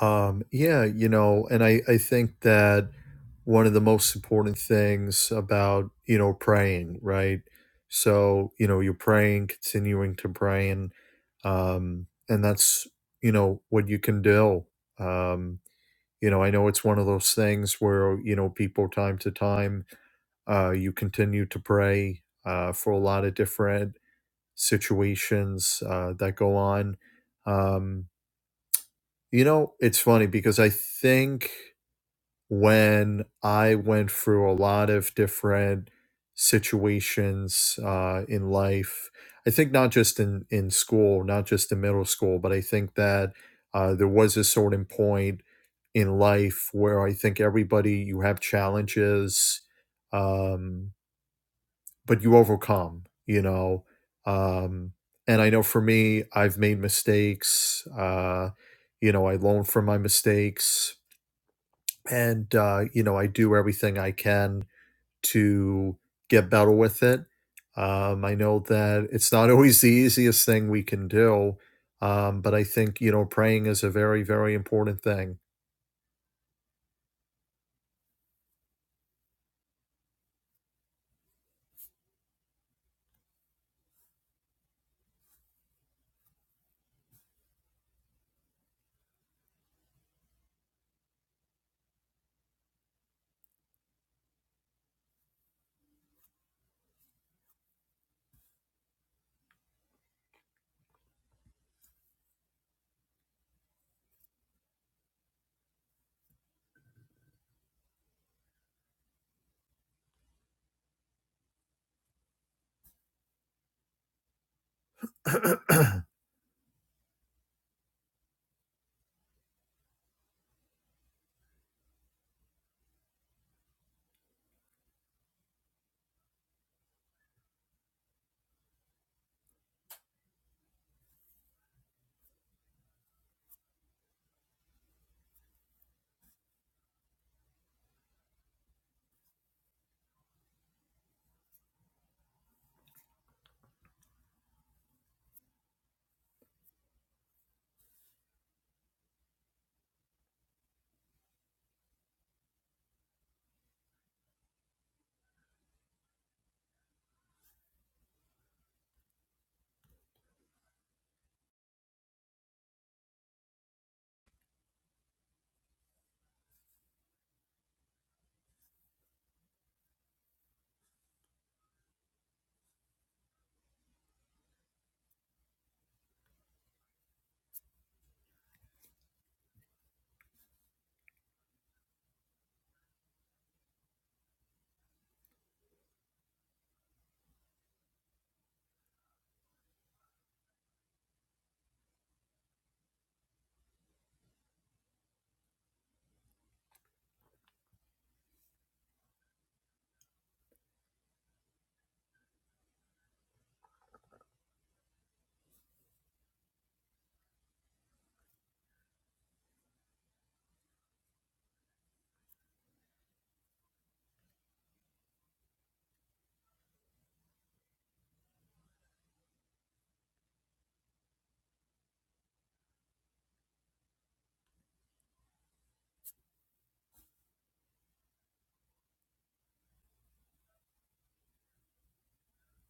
[SPEAKER 1] Um, yeah, you know, and I, I think that one of the most important things about, you know, praying, right? So, you know, you're praying, continuing to pray, and, um, and that's, you know, what you can do. Um, you know, I know it's one of those things where, you know, people time to time, uh, you continue to pray, uh, for a lot of different situations, uh, that go on. Um, you know, it's funny because I think when I went through a lot of different situations uh, in life. I think not just in, in school, not just in middle school, but I think that uh, there was a certain point in life where I think everybody, you have challenges, um, but you overcome, you know. Um, and I know for me, I've made mistakes. Uh, you know, I learn from my mistakes and uh, you know, I do everything I can to get better with it. Um, I know that it's not always the easiest thing we can do, um, but I think you know, praying is a very, very important thing.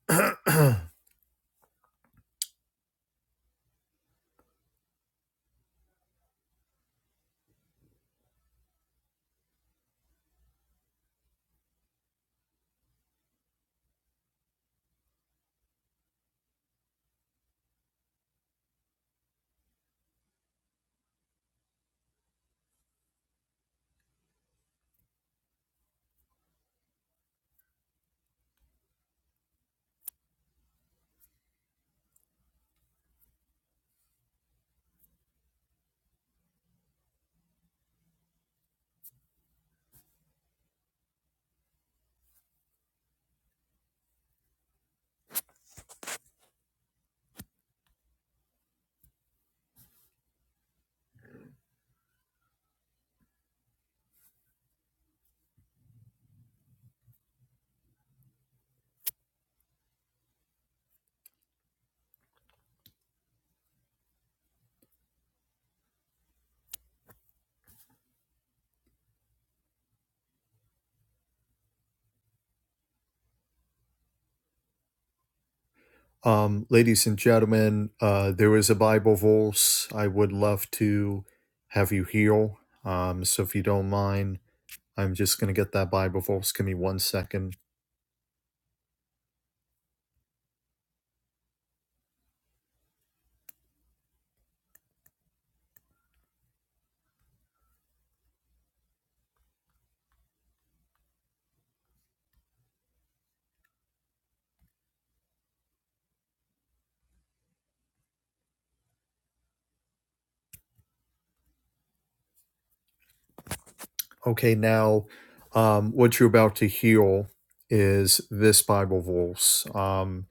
[SPEAKER 1] um, ladies and gentlemen, uh, there is a Bible verse I would love to have you heal. Um, so if you don't mind, I'm just going to get that Bible verse. Give me one second. Okay, now um, what you're about to hear is this Bible verse, um,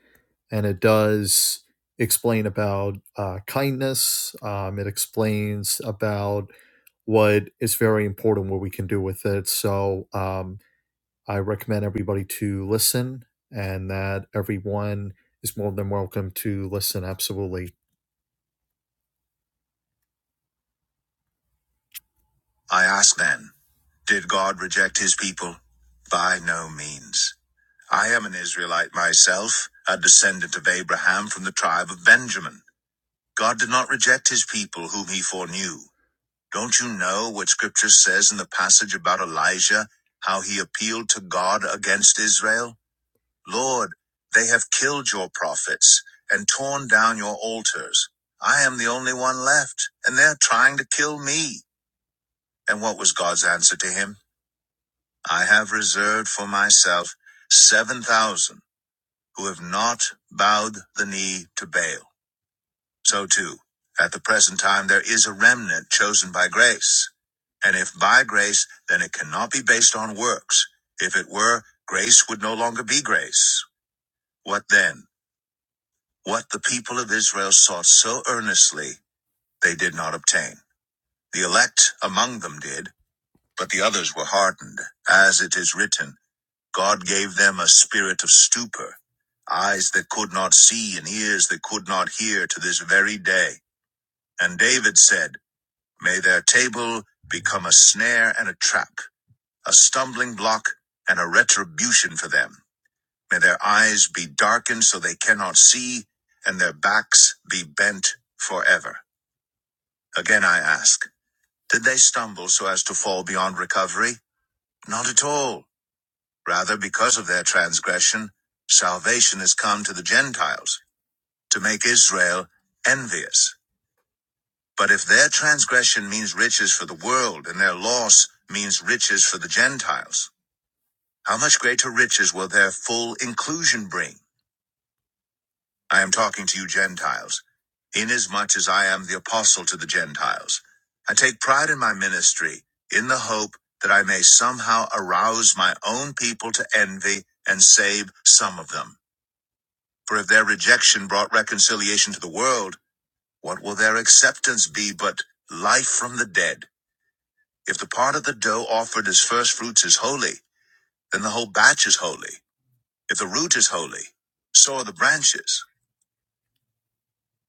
[SPEAKER 1] and it does explain about uh, kindness. Um, it explains about what is very important, what we can do with it. So um, I recommend everybody to listen, and that everyone is more than welcome to listen. Absolutely. I ask then, did God reject his people? By no means. I am an Israelite myself, a descendant of Abraham from the tribe of Benjamin. God did not reject his people whom he foreknew. Don't you know what scripture says in the passage about Elijah, how he appealed to God against Israel? Lord, they have killed your prophets and torn down your altars. I am the only one left, and they're trying to kill me. And what was God's answer to him? I have reserved for myself 7,000 who have not bowed the knee to Baal. So too, at the present time, there is a remnant chosen by grace. And if by grace, then it cannot be based on works. If it were, grace would no longer be grace. What then? What the people of Israel sought so earnestly, they did not obtain. The elect among them did, but the others were hardened, as it is written. God gave them a spirit of stupor, eyes that could not see and ears that could not hear to this very day. And David said, May their table become a snare and a trap, a stumbling block and a retribution for them. May their eyes be darkened so they cannot see, and their backs be bent forever. Again I ask, did they stumble so as to fall beyond recovery? Not at all. Rather, because of their transgression, salvation has come to the Gentiles, to make Israel envious. But if their transgression means riches for the world, and their loss means riches for the Gentiles, how much greater riches will their full inclusion bring? I am talking to you Gentiles, inasmuch as I am the apostle to the Gentiles. I take pride in my ministry, in the hope that I may somehow arouse my own people to envy and save some of them. For if their rejection brought reconciliation to the world, what will their acceptance be but life from the dead? If the part of the dough offered as first fruits is holy, then the whole batch is holy. If the root is holy, so are the branches.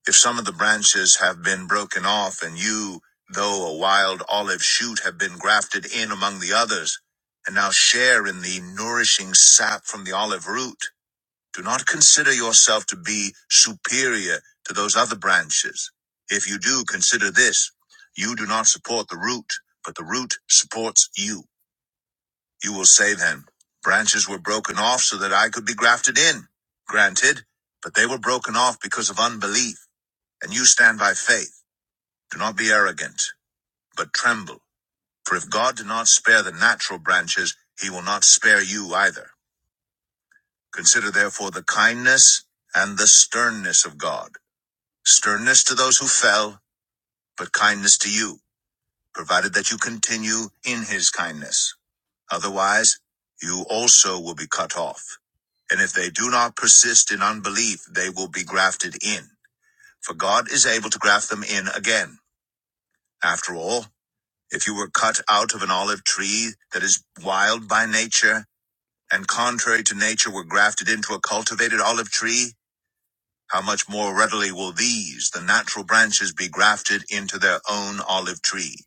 [SPEAKER 1] If some of the branches have been broken off, and you, though a wild olive shoot, have been grafted in among the others, and now share in the nourishing sap from the olive root, Do not consider yourself to be superior to those other branches. If you do, consider this you do not support the root, but the root supports you. You will say then, branches were broken off so that I could be grafted in. Granted, but they were broken off because of unbelief, and you stand by faith. Do not be arrogant, but tremble. For if God did not spare the natural branches, he will not spare you either. Consider therefore the kindness and the sternness of God Sternness to those who fell, but kindness to you, provided that you continue in his kindness. Otherwise, you also will be cut off. And if they do not persist in unbelief, they will be grafted in. For God is able to graft them in again. After all, if you were cut out of an olive tree that is wild by nature, and contrary to nature were grafted into a cultivated olive tree, How much more readily will these, the natural branches, be grafted into their own olive tree?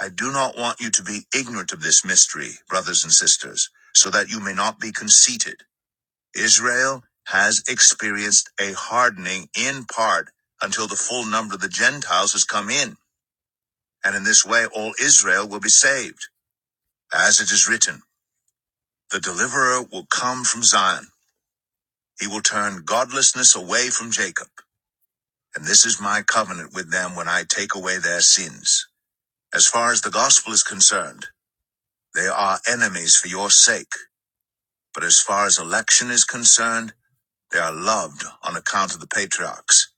[SPEAKER 1] I do not want you to be ignorant of this mystery, brothers and sisters, so that you may not be conceited. Israel has experienced a hardening in part until the full number of the Gentiles has come in, and in this way all Israel will be saved. As it is written, the deliverer will come from Zion. He will turn godlessness away from Jacob. And this is my covenant with them when I take away their sins. As far as the gospel is concerned, they are enemies for your sake. But as far as election is concerned, they are loved on account of the patriarchs.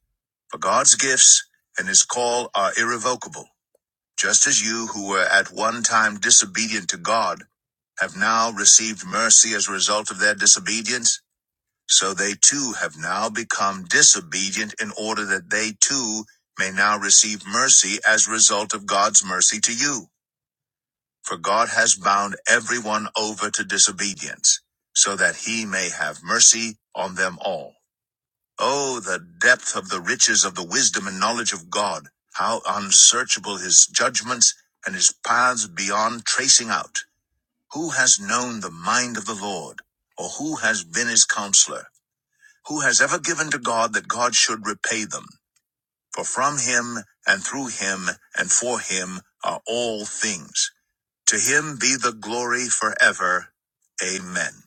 [SPEAKER 1] For God's gifts and his call are irrevocable. Just as you who were at one time disobedient to God have now received mercy as a result of their disobedience, so they too have now become disobedient in order that they too may now receive mercy as result of God's mercy to you. For God has bound everyone over to disobedience, so that he may have mercy on them all. Oh, the depth of the riches of the wisdom and knowledge of God, how unsearchable his judgments and his paths beyond tracing out. Who has known the mind of the Lord, or who has been his counselor? Who has ever given to God that God should repay them? For from him and through him and for him are all things. To him be the glory forever. Amen.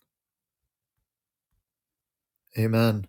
[SPEAKER 1] Amen.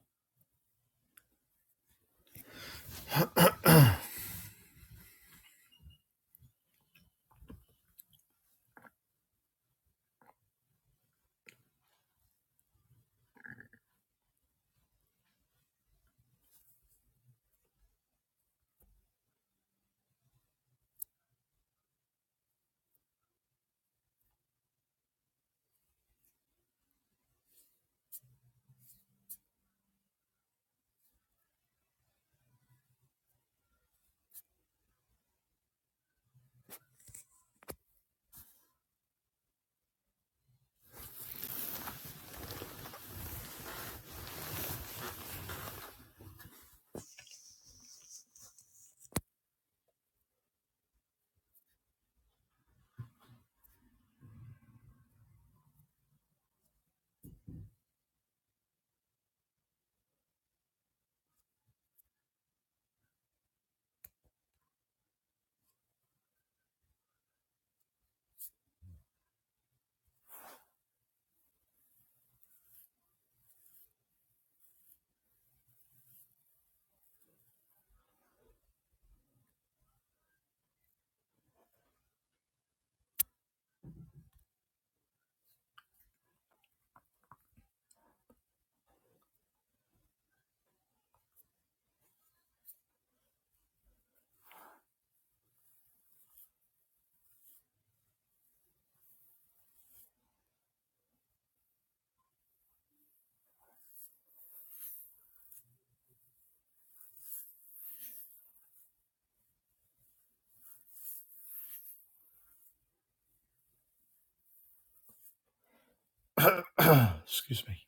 [SPEAKER 1] Excuse me.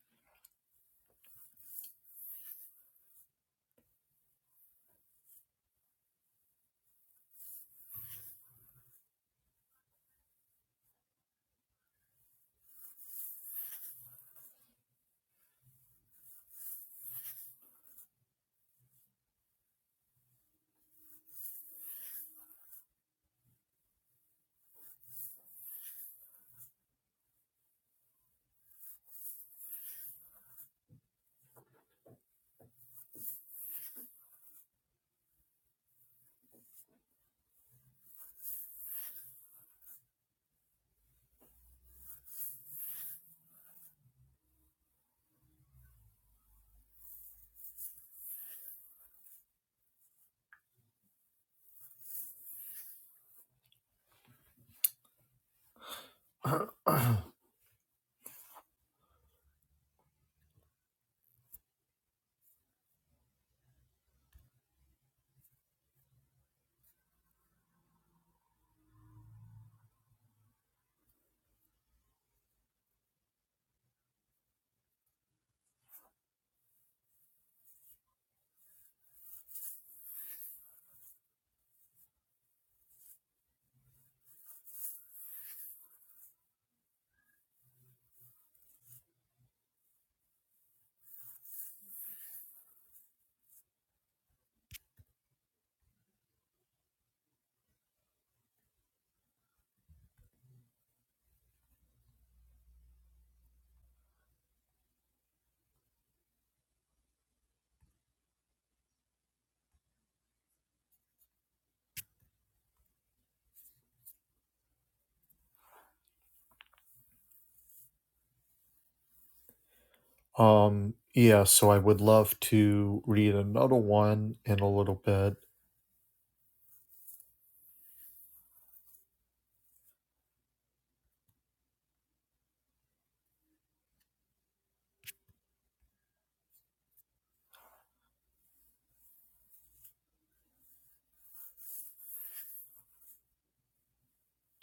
[SPEAKER 1] Um yeah, so I would love to read another one in a little bit.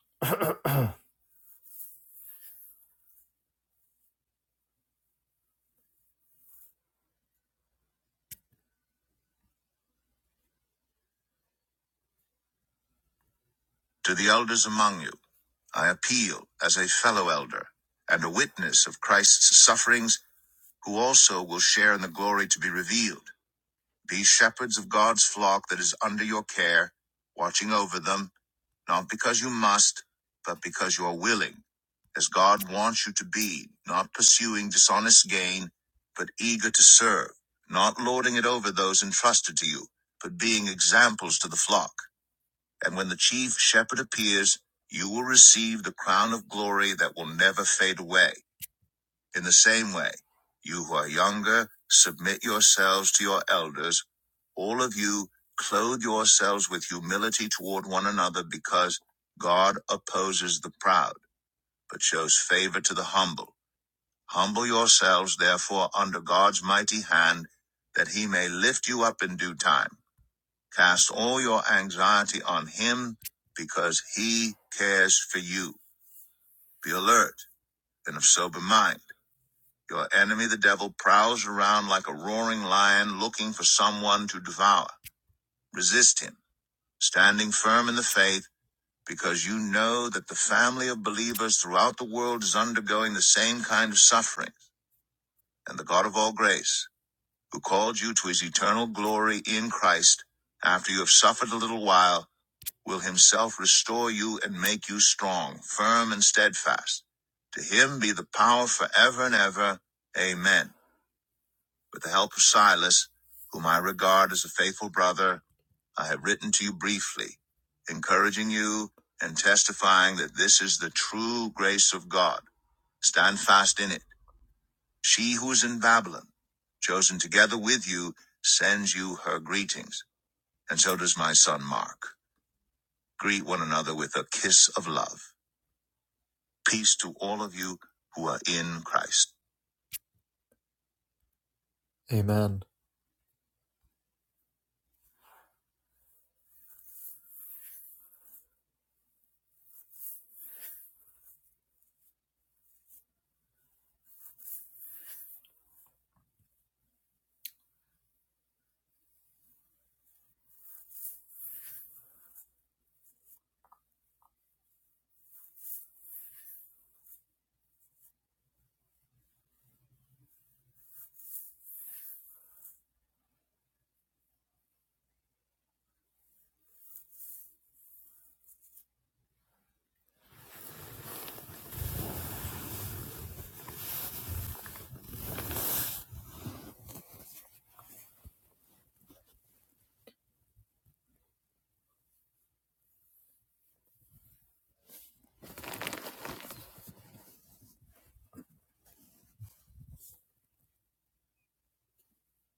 [SPEAKER 1] to the elders among you, I appeal as a fellow elder and a witness of Christ's sufferings, who also will share in the glory to be revealed. Be shepherds of God's flock that is under your care, watching over them, not because you must, but because you are willing, as God wants you to be, not pursuing dishonest gain, but eager to serve, not lording it over those entrusted to you, but being examples to the flock. And when the chief shepherd appears, you will receive the crown of glory that will never fade away. In the same way, you who are younger, submit yourselves to your elders. All of you, clothe yourselves with humility toward one another because God opposes the proud, but shows favor to the humble. Humble yourselves, therefore, under God's mighty hand, that he may lift you up in due time. Cast all your anxiety on him because he cares for you. Be alert and of sober mind. Your enemy, the devil, prowls around like a roaring lion looking for someone to devour. Resist him, standing firm in the faith, because you know that the family of believers throughout the world is undergoing the same kind of suffering, and the God of all grace, who called you to his eternal glory in Christ, after you have suffered a little while, will himself restore you and make you strong, firm, and steadfast. To him be the power forever and ever. Amen. With the help of Silas, whom I regard as a faithful brother, I have written to you briefly, encouraging you and testifying that this is the true grace of God. Stand fast in it. She who is in Babylon, chosen together with you, sends you her greetings, and so does my son Mark. Greet one another with a kiss of love. Peace to all of you who are in Christ. Amen.